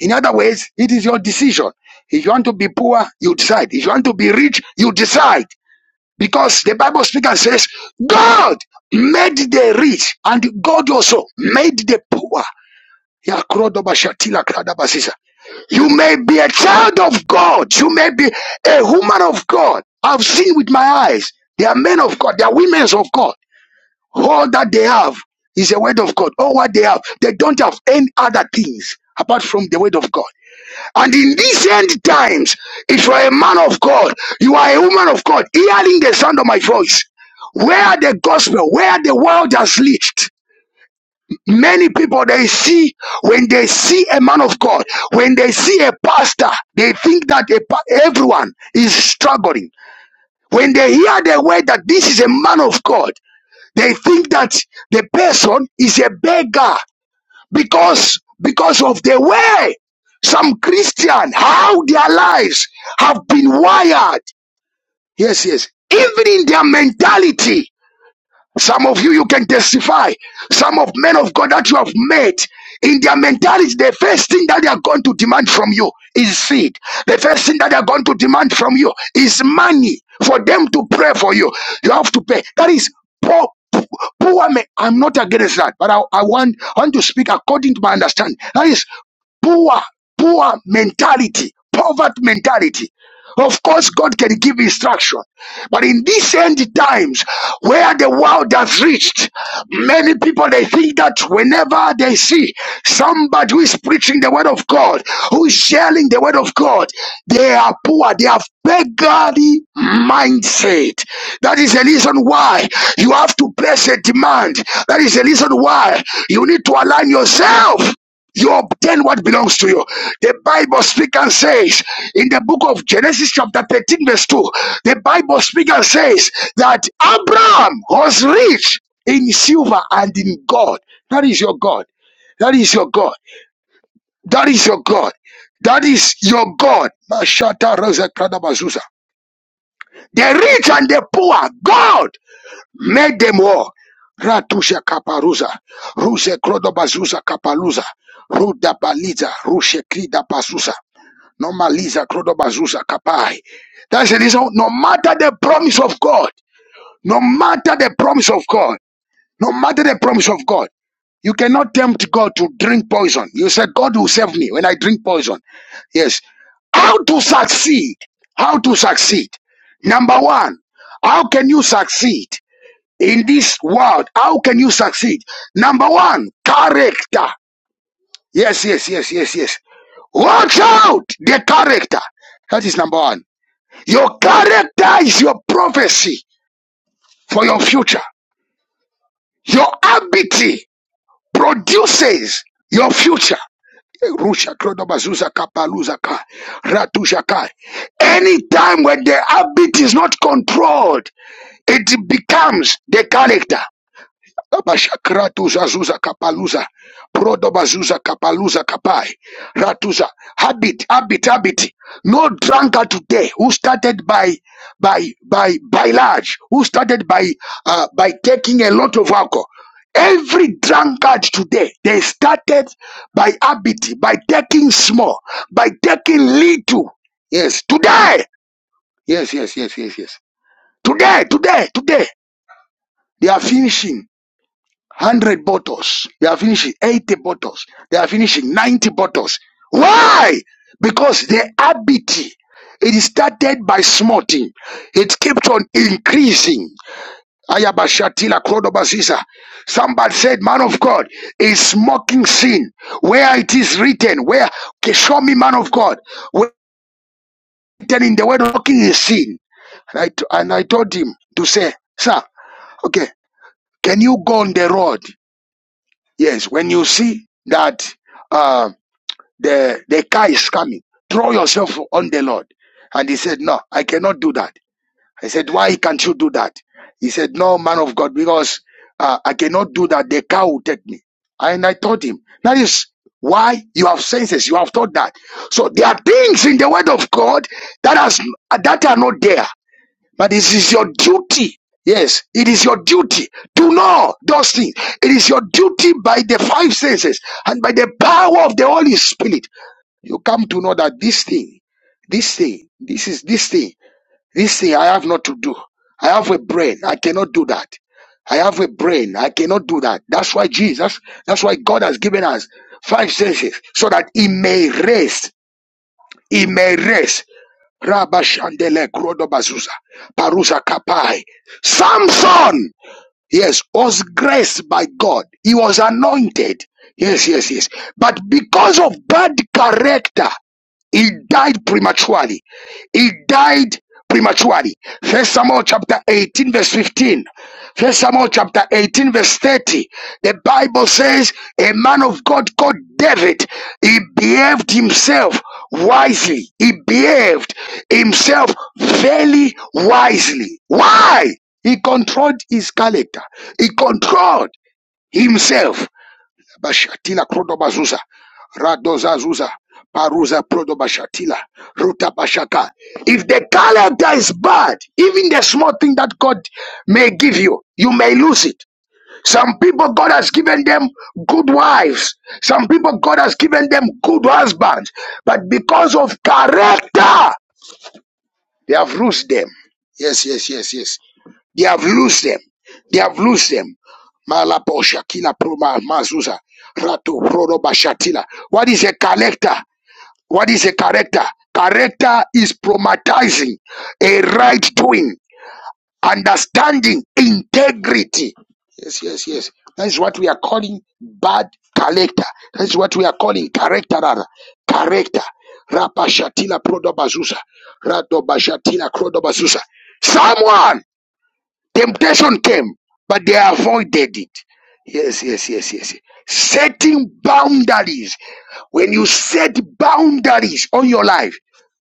S2: In other words, it is your decision. If you want to be poor, you decide. If you want to be rich, you decide. Because the Bible speaks and says, God made the rich and God also made the poor. Yakrodobashatila kradabasisa. You may be a child of God. You may be a woman of God. I've seen with my eyes. They are men of God. They are women of God. All that they have is the word of God. All what they have, they don't have any other things apart from the word of God. And in these end times, if you are a man of God, you are a woman of God, hearing the sound of my voice, where the gospel, where the world has lived, many people they see when they see a man of God, when they see a pastor, they think that a, pa- everyone is struggling. When they hear the word that this is a man of God, they think that the person is a beggar because because of the way some christian how their lives have been wired yes yes even in their mentality some of you, you can testify. Some of men of God that you have met, in their mentality, the first thing that they are going to demand from you is seed. The first thing that they are going to demand from you is money for them to pray for you. You have to pay. That is poor. Poor men, I'm not against that, but I, I want, I want to speak according to my understanding. That is poor, poor mentality, poverty mentality. Of course, God can give instruction, but in these end times, where the world has reached, many people they think that whenever they see somebody who is preaching the word of God, who is sharing the word of God, they are poor. They have beggarly mindset. That is the reason why you have to place a demand. That is the reason why you need to align yourself you obtain what belongs to you. The Bible speaks and says in the book of Genesis, chapter 13, verse 2, the Bible speaks and says that Abraham was rich in silver and in God. That is your God. That is your God. That is your God. That is your God. Mashata Rosa Krada Bazuza. The rich and the poor, God Make them all. Ratusha kaparuza, ruse krodobazuza kapaluza, rudabaliza, rushe kridabasusa, normaliza krodobazuza kapai. That's the reason, no matter the promise of God, no matter the promise of God, no matter the promise of God, you cannot tempt God to drink poison. You said, God will save me when I drink poison. Yes. How to succeed? How to succeed? Number one, how can you succeed? in this world. How can you succeed? Number one, character. Yes, yes, yes, yes, yes. Watch out the character. That is number one. Your character is your prophecy for your future. Your ability produces your future. Rusha Krodobazuza Kapaluzaka Ratushakai. Anytime when the habit is not controlled, it becomes the character. Abashakratu zazuza kapaluza. Prodobazuza kapaluza kapai. Ratuza. Habit, habit, habit. No drunkard today who started by by by by large, who started by uh, by taking a lot of alcohol. Every drunkard today, they started by habit, by taking small, by taking little. Yes, today. Yes, yes, yes, yes, yes. Today, today, today, they are finishing. 100 bottles. They are finishing 80 bottles. They are finishing 90 bottles. Why? Because the habit, it started by small thing. It kept on increasing. Ayabashatila Krodobasisa. Somebody said, man of God, is smoking sin. Where it is written, where, okay, show me man of God. Where written in the word smoking is sin. And I, t- and I told him to say, sir, okay, can you go on the road? Yes, when you see that uh, the the car is coming, throw yourself on the Lord. And he said, No, I cannot do that. I said, Why can't you do that? He said, No, man of God, because uh, I cannot do that. The car will take me. And I told him, That is why you have senses. You have thought that. So there are things in the Word of God that has that are not there. But it is your duty. Yes, it is your duty to know those things. It is your duty by the five senses and by the power of the Holy Spirit. You come to know that this thing, this thing, this is this thing, this thing I have not to do. I have a brain. I cannot do that. I have a brain. I cannot do that. That's why Jesus, that's why God has given us five senses so that He may rest. He may rest. Rabashandele Krodobazuza. Parusa Kapai. Samson! Yes, was graced by God. He was anointed. Yes, yes, yes. But because of bad character, he died prematurely he died prematurely. First Samuel chapter 18, verse 15. First Samuel chapter 18, verse 30. The Bible says a man of God called David, he behaved himself wisely. He behaved himself very wisely. Why? He controlled his character. He controlled himself. Bashatila Krodobazuza, Radozazuza, Paruza Prodobashatila, Ruta Bashaka. If the calendar is bad, even the small thing that God may give you, you may lose it. Some people God has given them good wives. Some people God has given them good husbands. But because of character, they have lost them. Yes, yes, yes, yes. They have loosed them. They have loosed them. Malapo Shakila Pruma Mazuza Ratu Proroba bashatila. What is a character? What is a character? Character is promatizing a right doing, understanding, integrity. Yes, yes, yes. That is what we are calling bad character. That is what we are calling character rather. Character. Rapa Shatila Prodoba Zuza. Radoba Shatila Crodoba Zuza. Someone Temptation came, but they avoided it. Yes, yes, yes, yes. Setting boundaries. When you set boundaries on your life,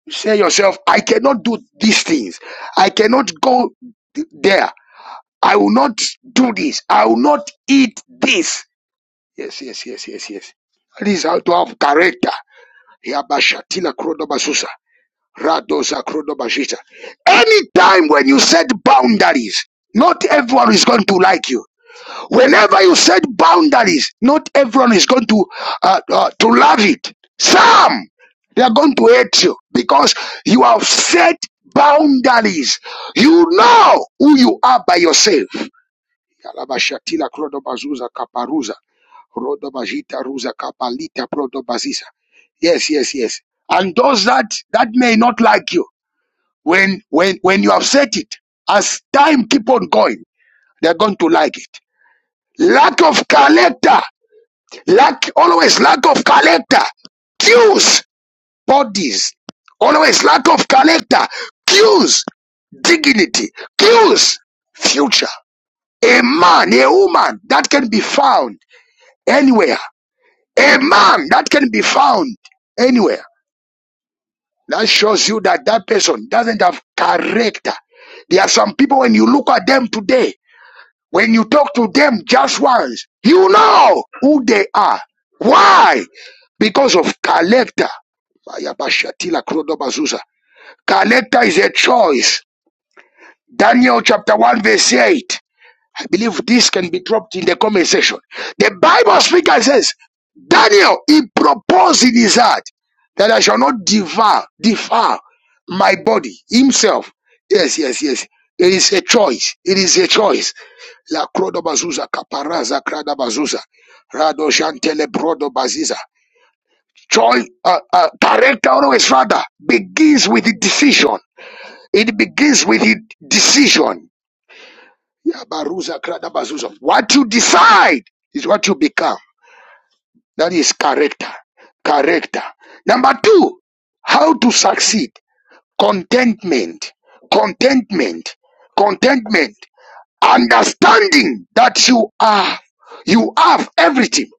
S2: you say yourself, I cannot do these things. I cannot go th- there. I will not do this. I will not eat this. Yes, yes, yes, yes, yes. That is how to have character. Yabashatila krodobasusa. Radosa Krodobashita. Anytime when you set boundaries, not everyone is going to like you. Whenever you set boundaries, not everyone is going to uh, uh, to love it. Some they are going to hate you because you have set boundaries. You know who you are by yourself. Kalabashatila Krodobazuza Kaparuza. Rodobajita Ruza Kapalita Prodobazisa. Yes, yes, yes. And those that that may not like you. When when when you have said it, as time keep on going, they're going to like it. Lack of character, lack always lack of character Cues, bodies. Always lack of character Cues, dignity, cues, future. A man, a woman that can be found anywhere. A man that can be found anywhere. That shows you that that person doesn't have character. There are some people when you look at them today, When you talk to them just once, you know who they are. Why? Because of character. Bayabashatila Character is a choice. Daniel chapter 1 verse 8. I believe this can be dropped in the comment section. The Bible speaker says, Daniel, he proposed in his heart that I shall not devour, devour my body himself. Yes, yes, yes. It is a choice. It is a choice. La Crodo Bazuza, Caparaza, Crada Bazuza, Rado Shantele Brodo Baziza. Choice. uh, uh, character of His Father, begins with the decision. It begins with the decision. Yabaruza kradabazuzo. What you decide is what you become. That is character. Character. Number two, how to succeed. Contentment. Contentment. Contentment. Understanding that you are, you have everything.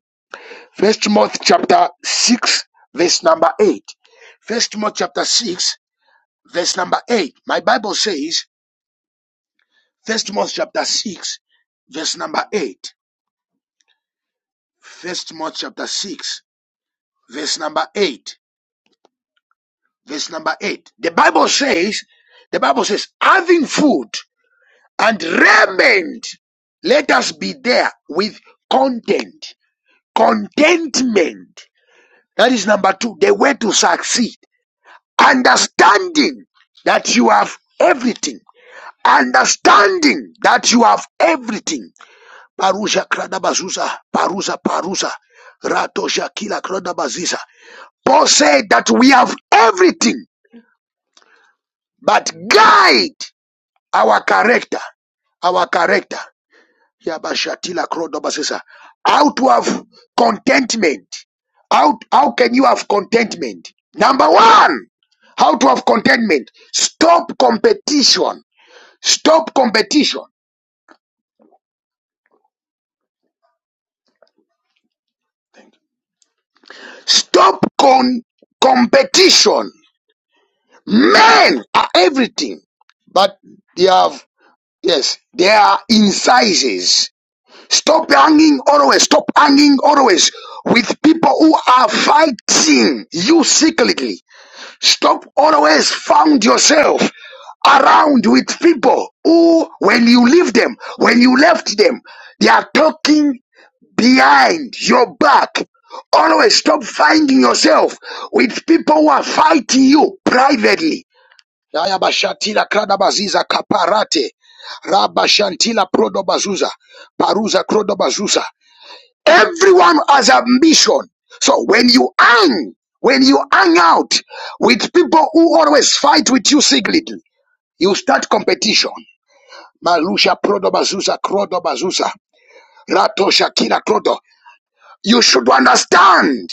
S2: First Timothy chapter 6, verse number 8. First Timothy chapter 6, verse number 8. My Bible says, First Timothy chapter 6, verse number 8. First Timothy chapter 6, verse number 8. Verse number 8. The Bible says, the Bible says, having food and raiment, let us be there with content, contentment. That is number two, the way to succeed. Understanding that you have everything. Understanding that you have everything. Parusa kradabazuza, parusa parusa, ratosha kila kradabaziza. Paul said that we have everything but guide our character, our character. Yabashatila krodobasesa. How to have contentment? How, how can you have contentment? Number one, how to have contentment? Stop competition. Stop competition. Stop con- competition. Men are everything, but they have, yes, they are incisors Stop hanging always. Stop hanging always with people who are fighting you secretly. Stop always found yourself around with people who, when you leave them, when you left them, they are talking behind your back. Always stop finding yourself with people who are fighting you privately. Yaya bashatila krada baziza kaparate. Rabba Shantila Prodo Bazuza, Paruza Crodo Bazuza, Everyone has ambition. So when you hang, when you hang out with people who always fight with you secretly, you start competition. Malusha Prodo bazusa, Krodo bazusa, Rato Shakira Krodo. You should understand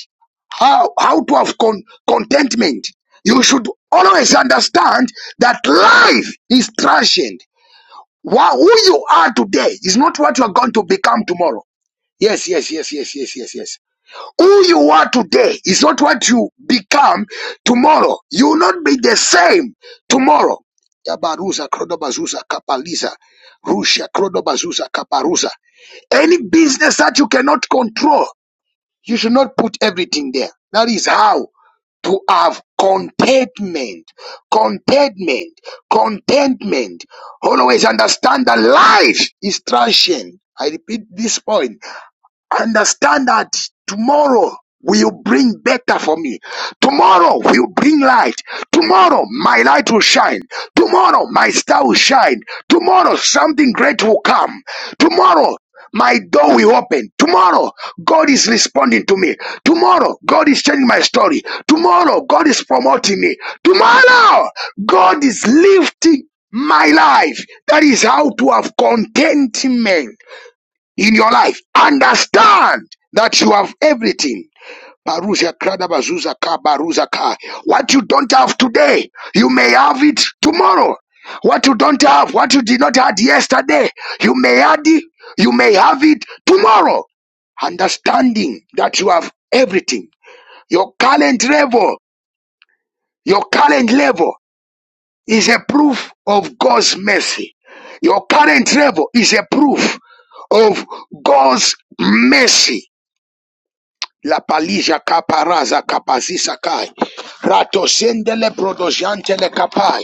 S2: how, how to have con- contentment. You should always understand that life is transient. Wha- who you are today is not what you are going to become tomorrow. Yes, yes, yes, yes, yes, yes, yes. Who you are today is not what you become tomorrow. You will not be the same tomorrow. Yabaruza, Krodobazuza, Kapaliza, Rusha, Krodobazuza, Kaparuza. Any business that you cannot control, you should not put everything there. That is how to have contentment, contentment, contentment. Always understand that life is transient. I repeat this point Understand that tomorrow will bring better for me. Tomorrow will bring light. Tomorrow my light will shine. Tomorrow my star will shine. Tomorrow something great will come. Tomorrow my door will open. Tomorrow God is responding to me. Tomorrow God is changing my story. Tomorrow God is promoting me. Tomorrow God is lifting my life. That is how to have contentment in your life. Understand that you have everything. Baruza kradabazuza ka baruza ka. What you don't have today, you may have it tomorrow. What you don't have, what you did not have yesterday, you may add it, you may have it tomorrow. Understanding that you have everything. Your current level, your current level is a proof of God's mercy. Your current level is a proof of God's mercy. La palija kaparaza kapazisa kai. Rato sendele brodojantele kapai.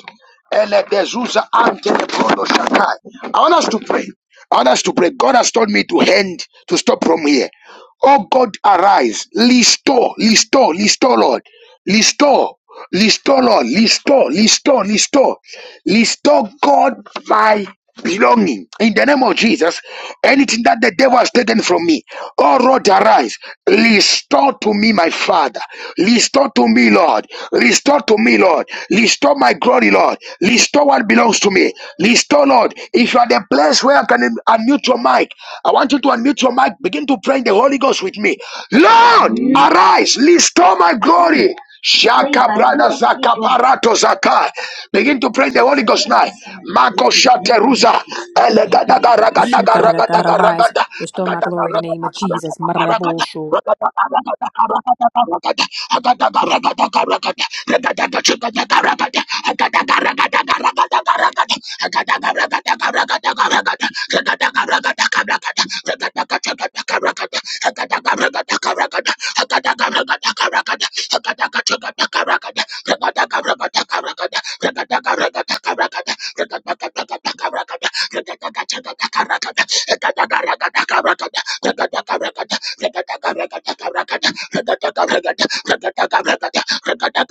S2: Ele dezuza antele brodoshakai. I want us to pray. I want us to pray. God has told me to hand to stop from here. Oh God, arise, restore, restore, restore, Lord, restore, restore, Lord, restore, restore, restore, restore, God, my belonging in the name of Jesus. Anything that the devil has taken from me, oh Lord, arise, restore to me, my Father, restore to me, Lord, restore to me, Lord, restore my glory, Lord. Restore what belongs to me. Restore, Lord. If you are the place where I can un- unmute your mic, I want you to unmute your mic. Begin to pray in the Holy Ghost with me. Lord, arise. Restore my glory. Shaka brada zaka parato zaka. Begin to pray in the Holy Ghost now. Mako shateruza. Elegadaga ragadaga
S4: Ashikarakara,
S2: ragadaga
S4: rise,
S2: ragada.
S4: restore my
S2: Agadaga
S4: glory in the name
S2: ragadaga
S4: of Jesus.
S2: ragadaga ragada.
S4: Marabosho.
S2: Ragadaga ragadaga ragadaga ragada. Agadaga ragadaga ragadaga ragada. Ragadaga ragadaga ragadaga I got that, got that, got that, got that. I got that, got that, got that, got that. I got that, got that, got that, got that. I got that, got that, got that, got that. I got that, got that, got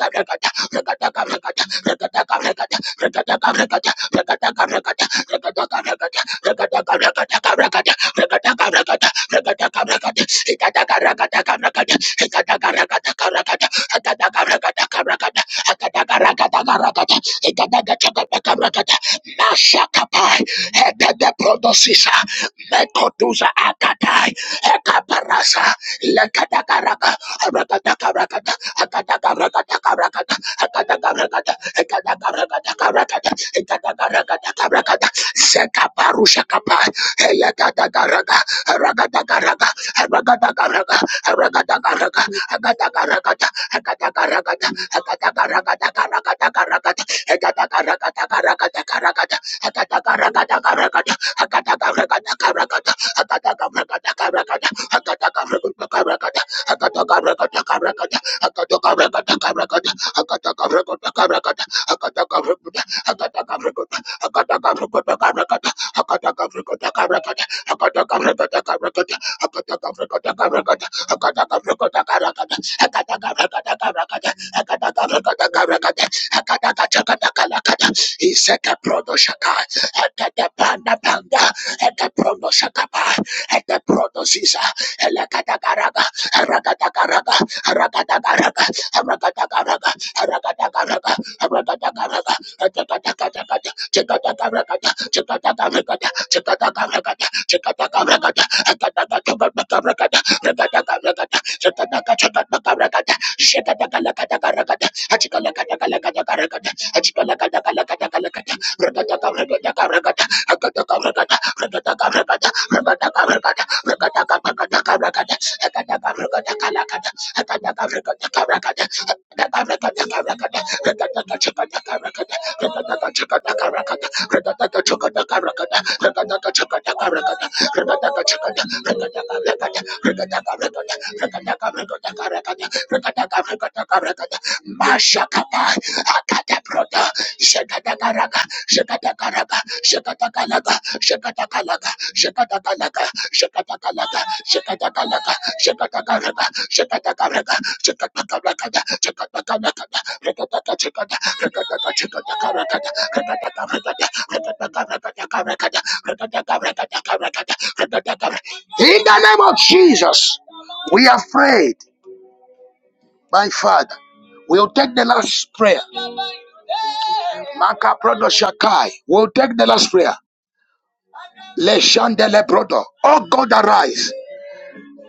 S2: that, got that. I got that, got that, got that, got that. Mashakapai, Ekede Prodosisa, Mekotusa Akatai, Ekaparasa, Lekadagaraka, Rakadakarakata, Akadagarakatakarakat, Sekaparusha kapa, Sekaparushakapa, Eyagadagaraga, Ragadagaraga, Ragadagaraga, Ragadagaraga, Agadagaraga, Agadagaraga, Agadagaraga, Agadagaraga, Akataka he set a prodo shaka at the panda panda at the prodo shakapa at the prodo sisa elakadagaraga aragadagaraga aragadagaraga aragadagaraga aragadagaraga aragadagaraga atakatakataka chikatakarakata chikatakarakata chikatakarakata chikatakarakata akatakatakatakarakata rakatakarakata chikatakatakatakarakata shikatakarakatakarakata Achipalakatakalakatakata, rakatakarakatakarakata, akatakarakata, rakatakarakata, rakatakarakata, rakatakarakatakarakata, akatakarakatakalakata, akatakarakatakarakata, akatakarakatakarakata, rakatakachakatakarakata, rakatakachakatakarakata, rakatakachakatakarakata, rakatakachakatakarakata, rakatakachakata, rakatakarakata, rakatakarakata, rakatakarakatakarakata, rakatakatakarakata, mashakapa Akadabroda, Shakadakaraga, Shakadakaraga, Shakadakalaga, Shakadakalaga, Shakadakalaga, Shakadakalaga, Shakadakalaga, Shakadakaraga, Shakadakaraga, Shakadakaraga, Shakadakalaga, Rakataka chikada, rakataka chikada, karakada, rakataka rakada, rakataka rakada, rakataka rakada, karakada, rakataka In the name of Jesus, we are prayed, my Father. We'll take the last prayer. Makaprodo Shakai. We'll take the last prayer. Le Shandele Brodo. Oh God, arise.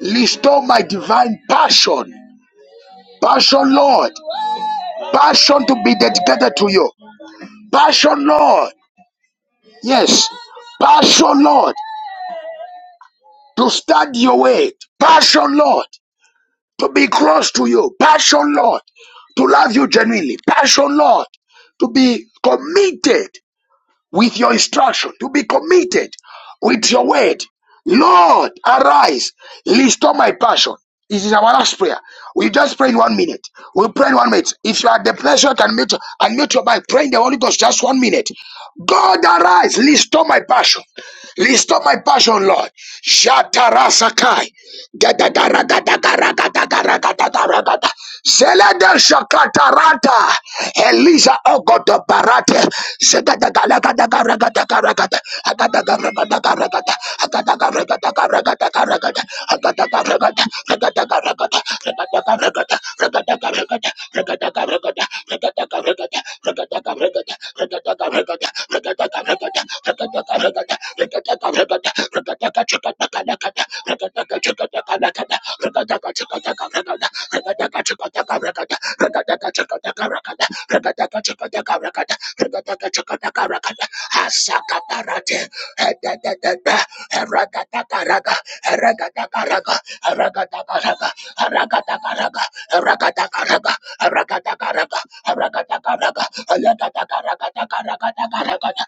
S2: Restore my divine passion. Passion, Lord. Passion to be dedicated to you. Passion, Lord. Yes. Passion, Lord. To study your way. Passion, Lord. To be close to you. Passion, Lord. To love you genuinely. Passion, Lord. To be committed. with your instruction, to be committed with your word. Lord, arise, restore my passion. This is our last prayer. We just pray in one minute. We pray in one minute. If you are the pleasure, can meet and meet your mind. Pray in the Holy Ghost just one minute. God arise, restore my passion. Listo my passion, Lord. Jata rasa kay. Gada gara gada gara gada gara gada gara gada. Zelada shaka tarata. Eliza ogodo barate. Gada gara gada gara gada gara gada gara gada. Gada gara gada gara gada gara gada gara gada. Gada gara gada gara gada gara gada gara gada. Gada gara gada gara gada gara gada gara gada. Gada gara gada gara gada gara gada gara gada. Rakata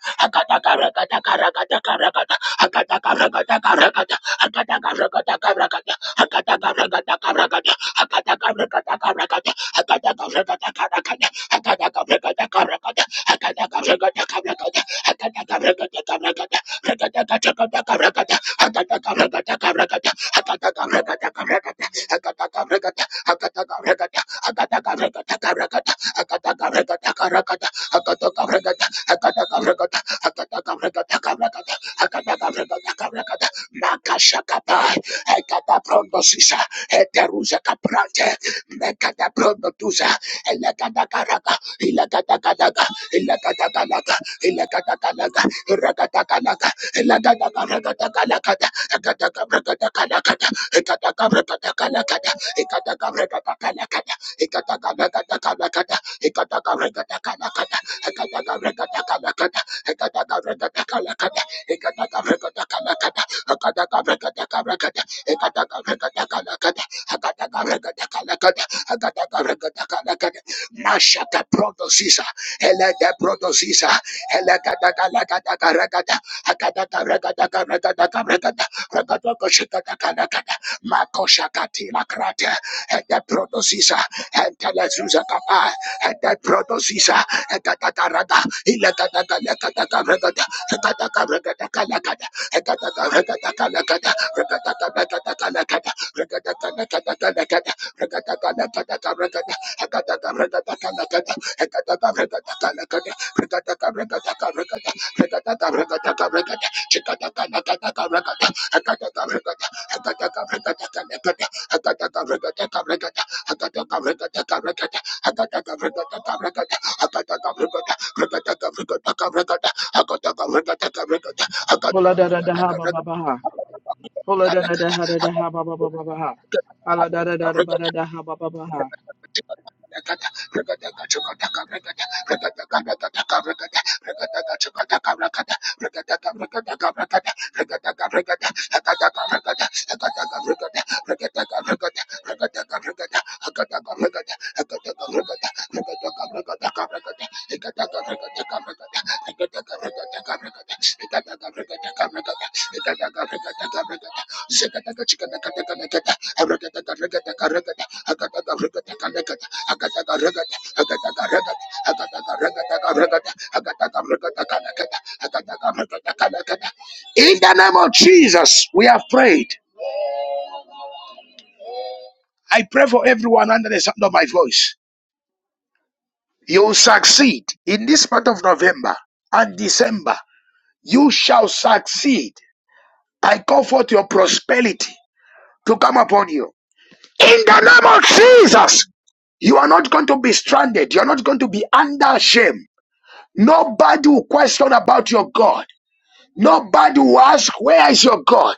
S2: Akata Makashakapa, Ekatapondosisa, Eteruzakaprante, Mekataprondotusa, Elekatakaraka, Ilakatakataka, Ilakatakalaka, Ilakatakalaka, Rakatakalaka, Ilakatakarakatakakata, Ekatakarakatakalakata, Ekatakarakatakalakata, Ekatakarakatakalakata, Ekatakarakatakalakata, Ekatakarakatakalakata, Ekatakarakatakalakata, Mashaka protosisa, eleka protosisa, eleka taka laka taka rakata, akataka rakataka rakataka rakata, rakatoko shakataka rakata, mako shakati lakrata, ete protosisa, ente lezuza kapa, ete protosisa, Ekatakarada, ilakatakalakatakaragada, ekatakaragadakalakada, ekatakaragadakalakada, rakatakalakatakalakada, rakatakalakatakalakada, rakatakalakatakalakada, ekatakaragadakalakada, ekatakaragadakalakada, rakatakaragadakalakada, rakatakaragadakalakada, chikatakalakatakalakada, ekatakaragada, ekatakaragadakalakada, ekatakaragadakalakada, ekatakaragadakalakada,
S3: Hola da da da ha ba ba
S2: Hakataka
S3: ba ha. Hola da da da ha da da ha ba ba ba ba ba ha. Hola da da da da ba da da ha ba ba ba ha.
S2: Rakata in the name of Jesus, we have prayed. I pray for everyone under the sound of my voice. You will succeed in this month of November and December. You shall succeed. I call forth your prosperity to come upon you. In the name of Jesus, you are not going to be stranded. You are not going to be under shame. Nobody will question about your God. Nobody will ask, Where is your God?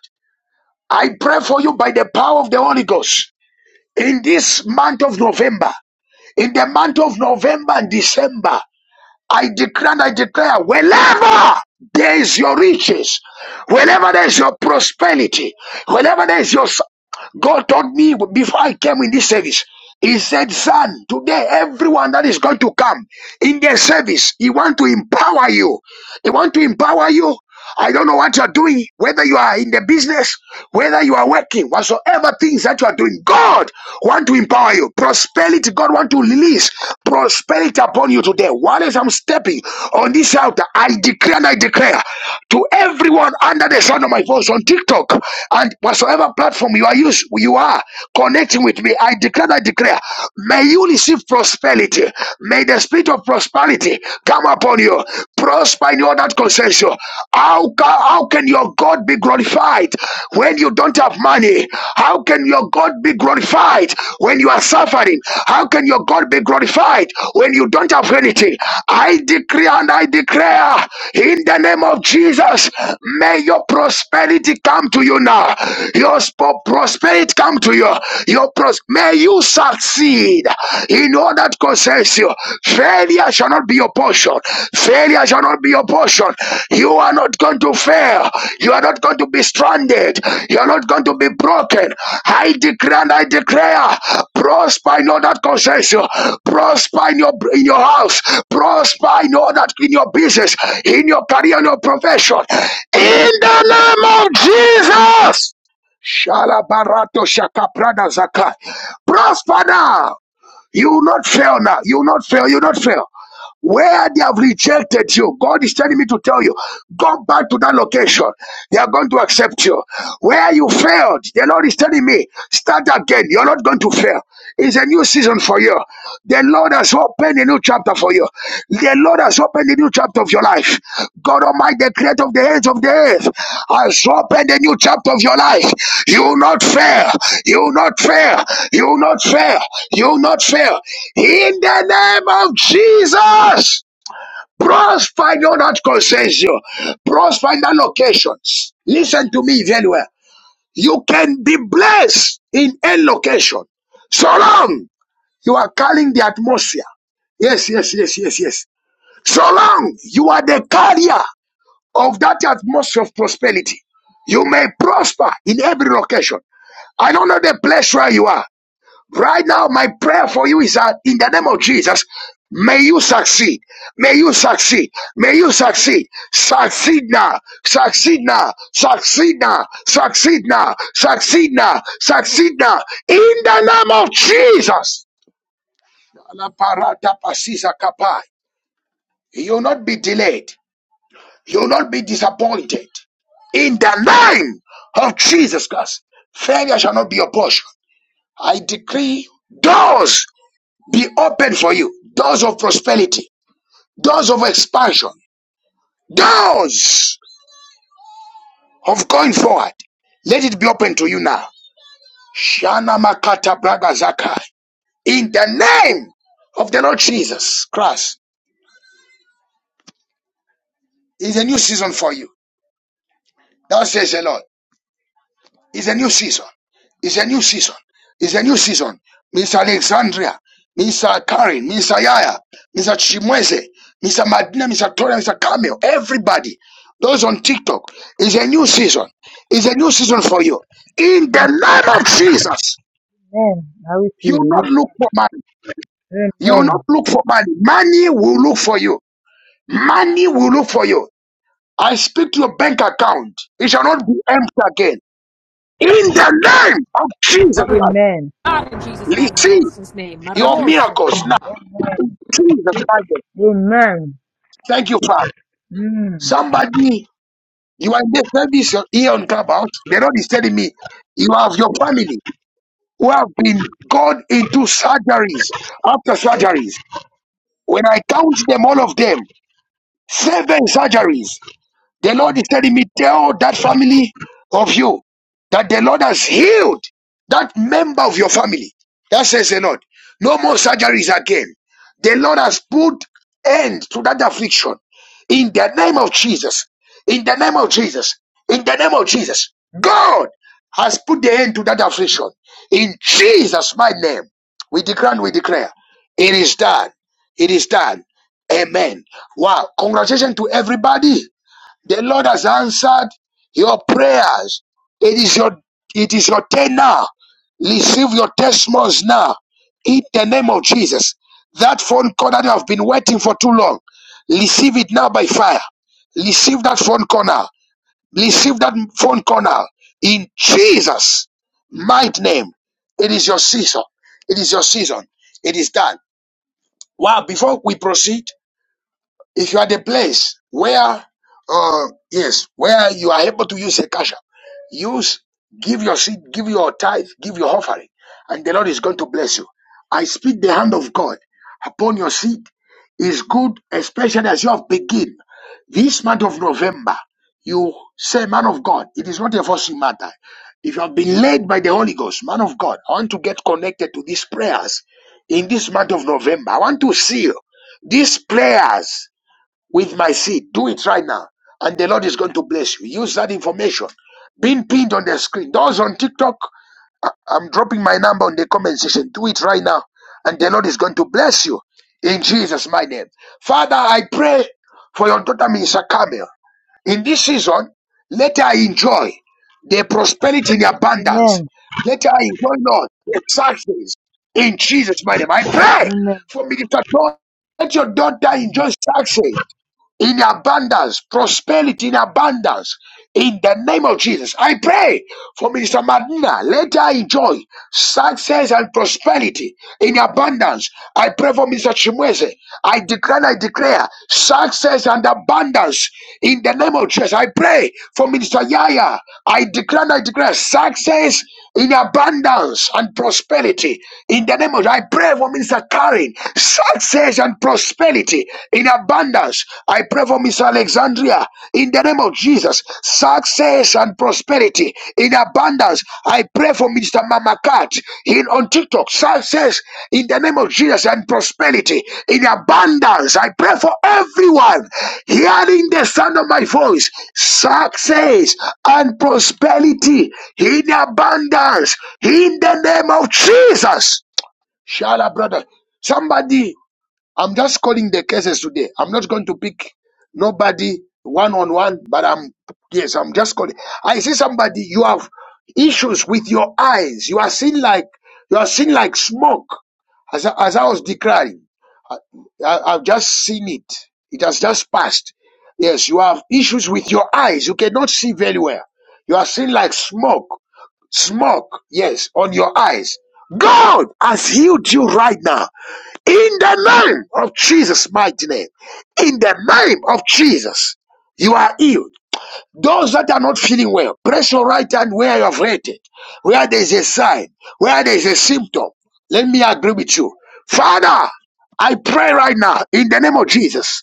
S2: I pray for you by the power of the Holy Ghost. In this month of November, in the month of November and December, I declare I declare, wherever there is your riches, wherever there is your prosperity, wherever there is your. God told me before I came in this service, He said, Son, today everyone that is going to come in their service, He want to empower you. They want to empower you. I don't know what you're doing, whether you are in the business, whether you are working, whatsoever things that you are doing. God want to empower you. Prosperity, God want to release prosperity upon you today. While as I'm stepping on this altar, I declare and I declare to everyone under the sound of my voice on TikTok and whatsoever platform you are used, you are connecting with me. I declare and I declare, may you receive prosperity. May the spirit of prosperity come upon you prosper in all that concerns you. How can, how can your God be glorified when you don't have money? How can your God be glorified when you are suffering? How can your God be glorified when you don't have anything? I decree and I declare in the name of Jesus, may your prosperity come to you now. Your sp- prosperity come to you. Your pros- may you succeed in all that concerns you. Failure shall not be your portion. Failure shall not be your portion. You are not going to fail. You are not going to be stranded. You are not going to be broken. I declare and I declare, prosper in all that concerns you. Prosper in your in your house. Prosper in all that in your business, in your career, in your profession. In the name of Jesus. Shala barato shaka prada zakai. Prosper now. You will not fail now. You will not fail. You will not fail. Where they have rejected you, God is telling me to tell you, go back to that location. They are going to accept you. Where you failed, the Lord is telling me, start again. You're not going to fail. It's a new season for you. The Lord has opened a new chapter for you. The Lord has opened a new chapter of your life. God Almighty, the creator of the ends of the earth, has opened a new chapter of your life. You will not fail. You will not fail. You will not fail. You will not fail. In the name of Jesus. Prosper in all that concerns you. Prosper in that locations. Listen to me very well. You can be blessed in any location. So long you are calling the atmosphere. Yes, yes, yes, yes, yes. So long you are the carrier of that atmosphere of prosperity, you may prosper in every location. I don't know the place where you are. Right now, my prayer for you is that in the name of Jesus, may you succeed. May you succeed. May you succeed. Succeed now. Succeed now. Succeed now. Succeed now. Succeed now. Succeed now. In the name of Jesus. You'll not be delayed. You will not be disappointed. In the name of Jesus Christ, failure shall not be your portion. I decree doors be open for you. Doors of prosperity, doors of expansion, doors of going forward. Let it be open to you now. Shana Makata Braga Zakai. In the name of the Lord Jesus Christ, is a new season for you. Thou says the Lord. It's a new season. It's a new season. It's a new season. Miss Alexandria, Miss Karen, Miss Yaya, Miss Chimweze, Miss Madina, Miss Toria, Miss Camille, everybody, those on TikTok, it's a new season. It's a new season for you. In the name of Jesus,
S1: Amen. I receive
S2: you will
S1: it.
S2: not look for money.
S1: Yes.
S2: You will
S1: Amen.
S2: not look for money. Money will look for you. Money will look for you. I speak to your bank account. It shall not be empty again. In the name of Jesus
S4: Glory to
S2: Christ,
S1: Amen.
S4: God in Jesus' mighty and
S2: receive.
S4: master's name.
S2: Your
S4: Marabosho.
S2: miracles now. Jesus Christ.
S1: Amen.
S2: Thank you, Father.
S1: Mm.
S2: Somebody, you are in this service here on Clubhouse. The Lord is telling me, you have your family who have been gone into surgeries after surgeries. When I count them, all of them, seven surgeries. The Lord is telling me, tell that family of you that the Lord has healed that member of your family. That says the Lord. No more surgeries again. The Lord has put end to that affliction in the name of Jesus. In the name of Jesus. In the name of Jesus. God has put the end to that affliction. In Jesus' my name. We declare and we declare. It is done. It is done. Amen. Wow. Congratulations to everybody. The Lord has answered your prayers. It is your it is your turn now. Receive your testimonies now. In the name of Jesus. That phone call that you have been waiting for too long. Receive it now by fire. Receive that phone call now. Receive that phone call now. In Jesus' mighty name. It is your season. It is your season. It is done. Wow, before we proceed, if you are the place where, uh, yes, where you are able to use a cash app, use, give your seed, give your tithe, give your offering, and the Lord is going to bless you. I speak the hand of God upon your seed is good, especially as you have begin this month of November. You say, man of God, it is not a forcing matter. If you have been led by the Holy Ghost, man of God, I want to get connected to these prayers in this month of November. I want to see you. These prayers with my seed. Do it right now. And the Lord is going to bless you. Use that information being pinned on the screen. Those on TikTok, I- I'm dropping my number on the comment section. Do it right now. And the Lord is going to bless you in Jesus' my name. Father, I pray for your daughter Minister Camille. In this season, let her enjoy the prosperity in abundance. Let her enjoy, Lord, the success in Jesus' my name. I pray
S1: Amen.
S2: for Minister Dawn. Let your daughter enjoy success in abundance, prosperity in abundance. In the name of Jesus, I pray for Minister Madina. Let her enjoy success and prosperity in abundance. I pray for Mr. Chimweze. I declare, and I declare success and abundance in the name of Jesus. I pray for Minister Yaya. I declare, and I declare success in abundance and prosperity. In the name of, I pray for Mr. Karen, success and prosperity in abundance. I pray for Mr. Alexandria, in the name of Jesus, success and prosperity in abundance. I pray for Mr. Mamakat in on TikTok. Success in the name of Jesus and prosperity in abundance. I pray for everyone hearing the sound of my voice. Success and prosperity in abundance in the name of Jesus. Shala, brother. Somebody I'm just calling the cases today. I'm not going to pick nobody one on one, but I'm yes, I'm just calling. I see somebody you have issues with your eyes. You are seen like you are seen like smoke. As I, as I was declaring, I, I, I've just seen it. It has just passed. Yes, you have issues with your eyes. You cannot see very well. You are seen like smoke smoke, yes, on your eyes. God has healed you right now. In the name of Jesus' mighty name. In the name of Jesus, you are healed. Those that are not feeling well, press your right hand where you have hurt it, where there is a sign, where there is a symptom. Let me agree with you. Father, I pray right now in the name of Jesus.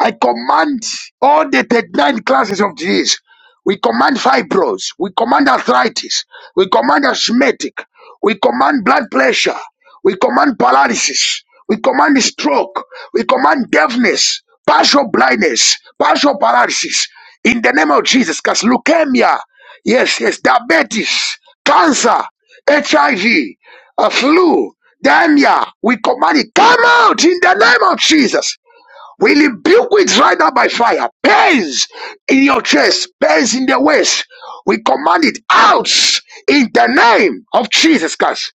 S2: I command all the 39 classes of disease. We command fibros. We command arthritis. We command asthmatic. We command blood pressure. We command paralysis. We command stroke. We command deafness, partial blindness, partial paralysis. In the name of Jesus, because leukemia, yes, yes, diabetes, cancer, HIV, a flu, diarrhea, we command it. Come out in the name of Jesus. We rebuke it right now by fire. Pains in your chest, pains in the waist. We command it out in the name of Jesus Christ.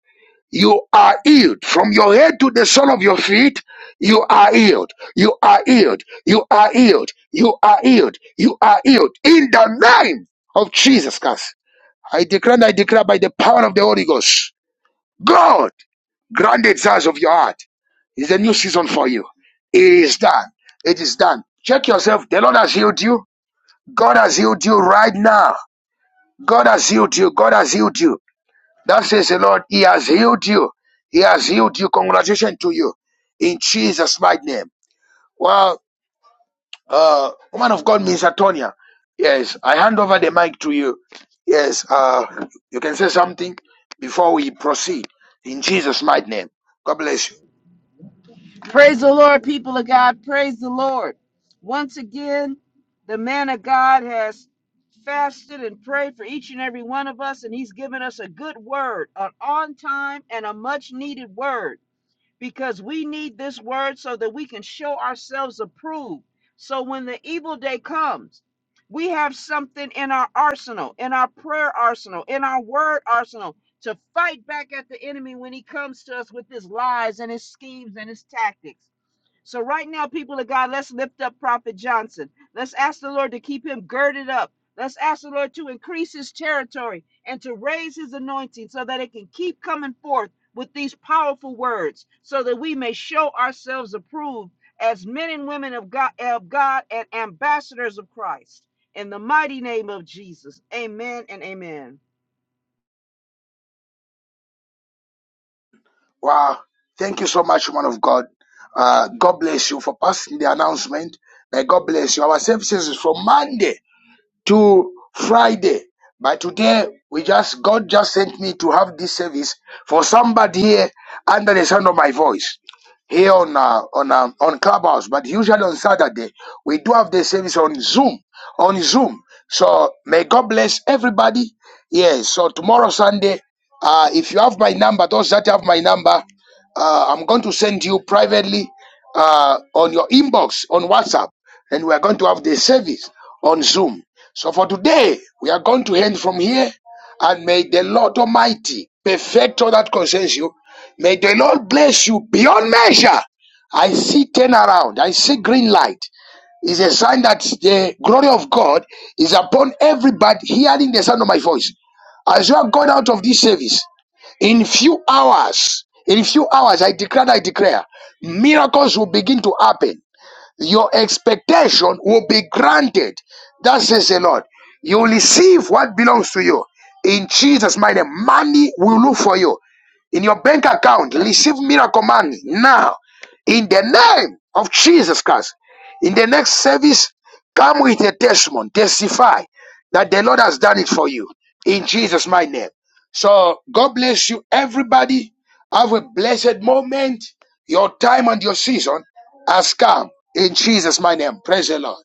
S2: You are healed from your head to the sole of your feet. You are healed. You are healed. You are healed. You are healed. You are healed in the name of Jesus Christ. I declare and I declare by the power of the Holy Ghost. God Grant the desires of your heart. It's a new season for you. It is done. It is done. Check yourself. The Lord has healed you. God has healed you right now. God has healed you. God has healed you. That says the Lord. He has healed you. He has healed you. Congratulations to you. In Jesus' mighty name. Well, uh, woman of God, Miss Antonia. Yes, I hand over the mic to you. Yes, uh, you can say something before we proceed. In Jesus' mighty name. God bless you.
S3: Praise the Lord, people of God. Praise the Lord. Once again, the man of God has fasted and prayed for each and every one of us, and he's given us a good word, an on time and a much needed word. because we need this word so that we can show ourselves approved. So when the evil day comes, we have something in our arsenal, in our prayer arsenal, in our word arsenal to fight back at the enemy when he comes to us with his lies and his schemes and his tactics. So right now, people of God, let's lift up Prophet Johnson. Let's ask the Lord to keep him girded up. Let's ask the Lord to increase his territory and to raise his anointing so that it can keep coming forth with these powerful words, so that we may show ourselves approved as men and women of God, of God and ambassadors of Christ. In the mighty name of Jesus. Amen and amen.
S2: Wow. Thank you so much, man of God. Uh, God bless you for passing the announcement. May God bless you. Our services is from Monday to Friday. But today we just God just sent me to have this service for somebody here under the sound of my voice here on uh, on uh, on Clubhouse. But usually on Saturday we do have the service on Zoom on Zoom. So may God bless everybody. Yes. So tomorrow Sunday, uh, if you have my number, those that have my number. Uh, I'm going to send you privately uh, on your inbox on WhatsApp, and we are going to have the service on Zoom. So for today, we are going to end from here, and may the Lord Almighty perfect all that concerns you. May the Lord bless you beyond measure. I see turn around. I see green light. It's a sign that the glory of God is upon everybody hearing the sound of my voice. As you are going out of this service, in few hours, in few hours, I declare, I declare, miracles will begin to happen your expectation will be granted. That says the Lord. You will receive what belongs to you. In Jesus' mighty name, money will look for you. In your bank account, receive miracle money now. In the name of Jesus Christ. In the next service, come with a testimony. Testify that the Lord has done it for you. In Jesus' mighty name. So God bless you, everybody. Have a blessed moment, your time and your season has come in Jesus' my name. Praise the Lord.